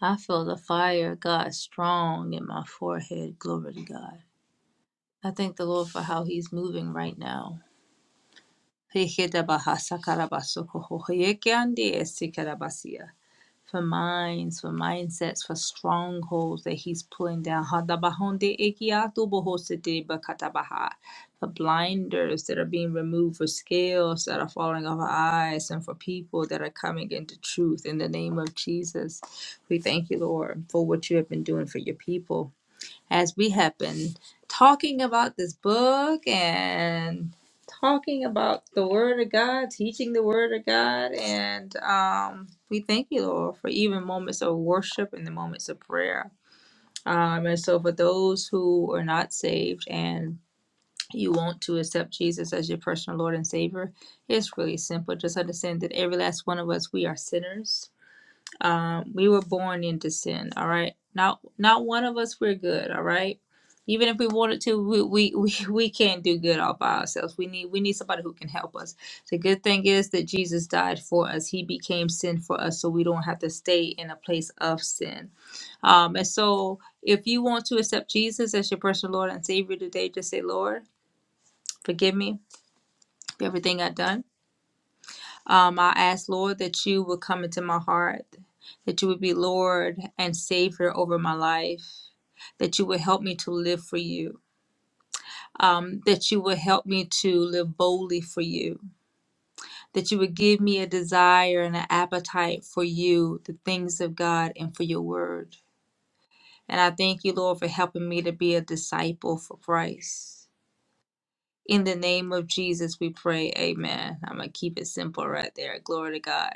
S1: I feel the fire of God strong in my forehead. Glory to God. I thank the Lord for how he's moving right now. for minds, for mindsets, for strongholds that He's pulling down. For blinders that are being removed, for scales that are falling off our eyes, and for people that are coming into truth. In the name of Jesus, we thank you, Lord, for what you have been doing for your people as we have been talking about this book and talking about the Word of God, teaching the Word of God. And um, we thank you, Lord, for even moments of worship and the moments of prayer. Um, and so, for those who are not saved and you want to accept Jesus as your personal Lord and Savior, it's really simple. Just understand that every last one of us, we are sinners um, we were born into sin. All right. Not not one of us we're good. All right. Even if we wanted to, we, we, we, we can't do good all by ourselves. We need we need somebody who can help us. The good thing is that Jesus died for us. He became sin for us, so we don't have to stay in a place of sin. Um, and so, if you want to accept Jesus as your personal Lord and Savior today, just say, Lord, forgive me for everything I've done. Um, I ask, Lord, that you would come into my heart, that you would be Lord and Savior over my life, that you would help me to live for you, um, that you would help me to live boldly for you, that you would give me a desire and an appetite for you, the things of God, and for your word. And I thank you, Lord, for helping me to be a disciple for Christ. In the name of Jesus, we pray. Amen. I'm going to keep it simple right there. Glory to God.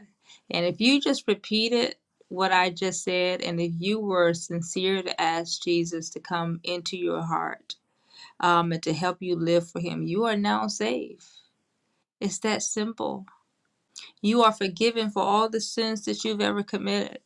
S1: And if you just repeated what I just said, and if you were sincere to ask Jesus to come into your heart um, and to help you live for Him, you are now saved. It's that simple. You are forgiven for all the sins that you've ever committed.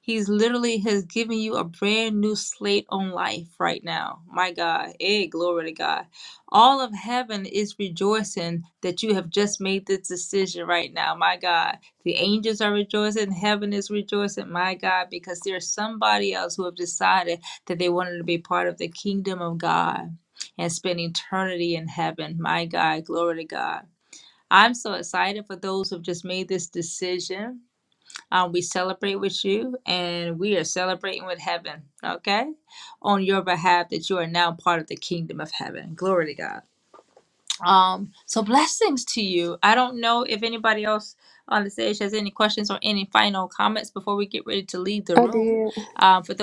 S1: He's literally has given you a brand new slate on life right now. My God. Hey, glory to God. All of heaven is rejoicing that you have just made this decision right now. My God. The angels are rejoicing. Heaven is rejoicing. My God. Because there's somebody else who have decided that they wanted to be part of the kingdom of God and spend eternity in heaven. My God. Glory to God. I'm so excited for those who have just made this decision. Uh, we celebrate with you and we are celebrating with heaven, okay? On your behalf, that you are now part of the kingdom of heaven. Glory to God. Um, so blessings to you. I don't know if anybody else on the stage has any questions or any final comments before we get ready to leave the room.
S4: did.
S1: Um, For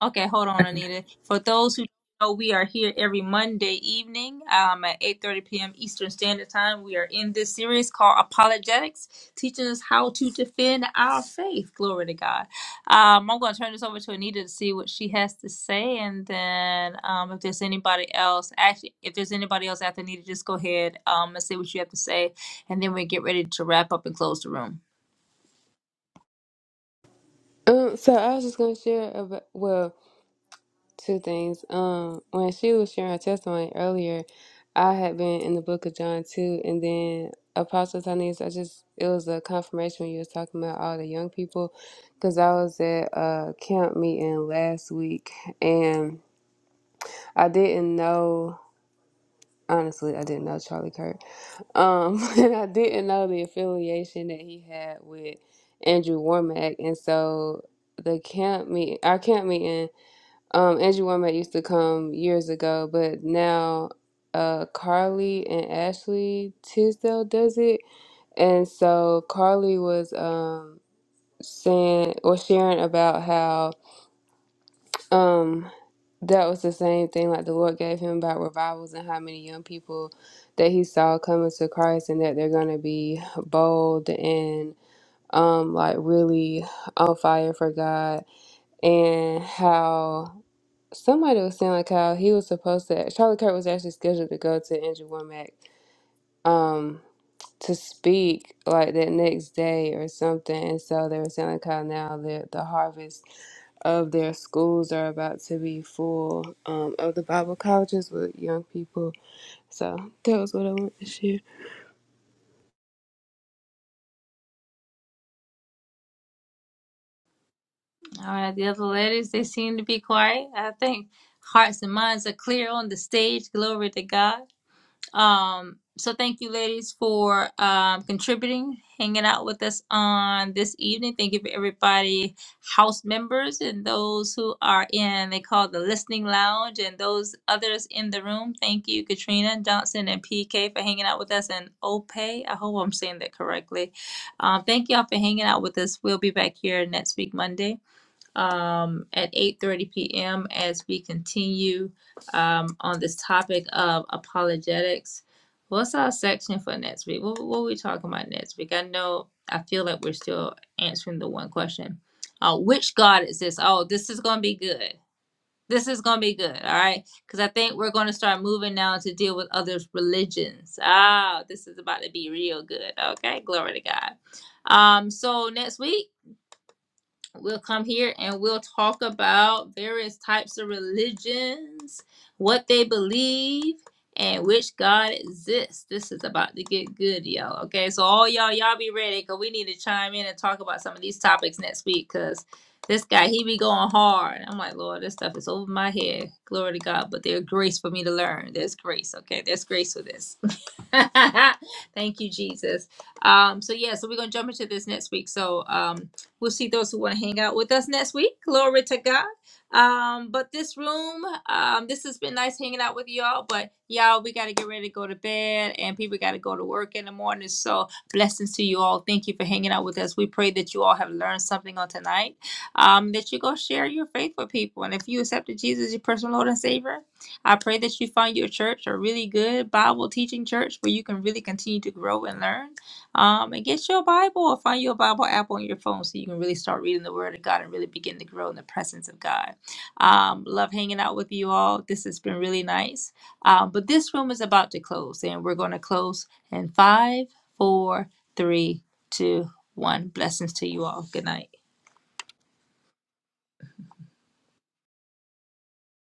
S1: Okay, hold on, Anita. For those who don't know, we are here every Monday evening um, at 8.30 p.m. Eastern Standard Time. We are in this series called Apologetics, teaching us how to defend our faith. Glory to God. Um, I'm going to turn this over to Anita to see what she has to say, and then um, if there's anybody else, actually, if there's anybody else after Anita, just go ahead um, and say what you have to say, and then we get ready to wrap up and close the room.
S4: Um, so I was just gonna share about well. Two things. Um, when she was sharing her testimony earlier, I had been in the book of John too, and then Apostle Tanis, I just it was a confirmation when you was talking about all the young people, because I was at a camp meeting last week, and I didn't know. Honestly, I didn't know Charlie Kirk. Um, and I didn't know the affiliation that he had with Andrew Warmack, and so the camp meet, our camp meeting. Um, Andrew Womack used to come years ago, but now uh, Carly and Ashley Tisdale does it. And so Carly was um, saying or sharing about how um, that was the same thing like the Lord gave him about revivals and how many young people that he saw coming to Christ and that they're going to be bold and um, like really on fire for God and how. Somebody was saying like how he was supposed to. Charlie Kirk was actually scheduled to go to Andrew Womack um to speak like that next day or something, and so they were saying like how now the the harvest of their schools are about to be full um of the Bible colleges with young people. So that was what I wanted to share.
S1: All right, the other ladies, they seem to be quiet. I think hearts and minds are clear on the stage. Glory to God. Um, so thank you, ladies, for um, contributing, hanging out with us on this evening. Thank you for everybody, house members, and those who are in they call it the listening lounge, and those others in the room. Thank you, Katrina Johnson and PK for hanging out with us, and Ope. I hope I'm saying that correctly. Um, thank y'all for hanging out with us. We'll be back here next week, Monday um, at 8:30 p.m. as we continue um, on this topic of apologetics. What's our section for next week? What, what are we talking about next week? I know I feel like we're still answering the one question. Uh, which God is this? Oh, this is going to be good. This is going to be good. All right. Because I think we're going to start moving now to deal with other religions. Ah, this is about to be real good. Okay. Glory to God. Um, so next week, we'll come here and we'll talk about various types of religions, what they believe, and which God exists. This is about to get good, y'all. Okay, so all y'all, y'all be ready because we need to chime in and talk about some of these topics next week because this guy, he be going hard. I'm like, Lord, this stuff is over my head. Glory to God. But there's grace for me to learn. There's grace, okay? There's grace for this. Thank you, Jesus. Um, so yeah, so we're gonna jump into this next week. So um We'll see those who want to hang out with us next week. Glory to God. Um, but this room, um, this has been nice hanging out with y'all. But y'all, we got to get ready to go to bed, and people got to go to work in the morning. So blessings to you all. Thank you for hanging out with us. We pray that you all have learned something on tonight. Um, that you go share your faith with people, and if you accepted Jesus as your personal Lord and Savior, I pray that you find your church a really good Bible teaching church where you can really continue to grow and learn. Um, and get your Bible or find your Bible app on your phone so you can really start reading the Word of God and really begin to grow in the presence of God. Um, love hanging out with you all. This has been really nice. Um, but this room is about to close, and we're going to close in five, four, three, two, one. Blessings to you all. Good night.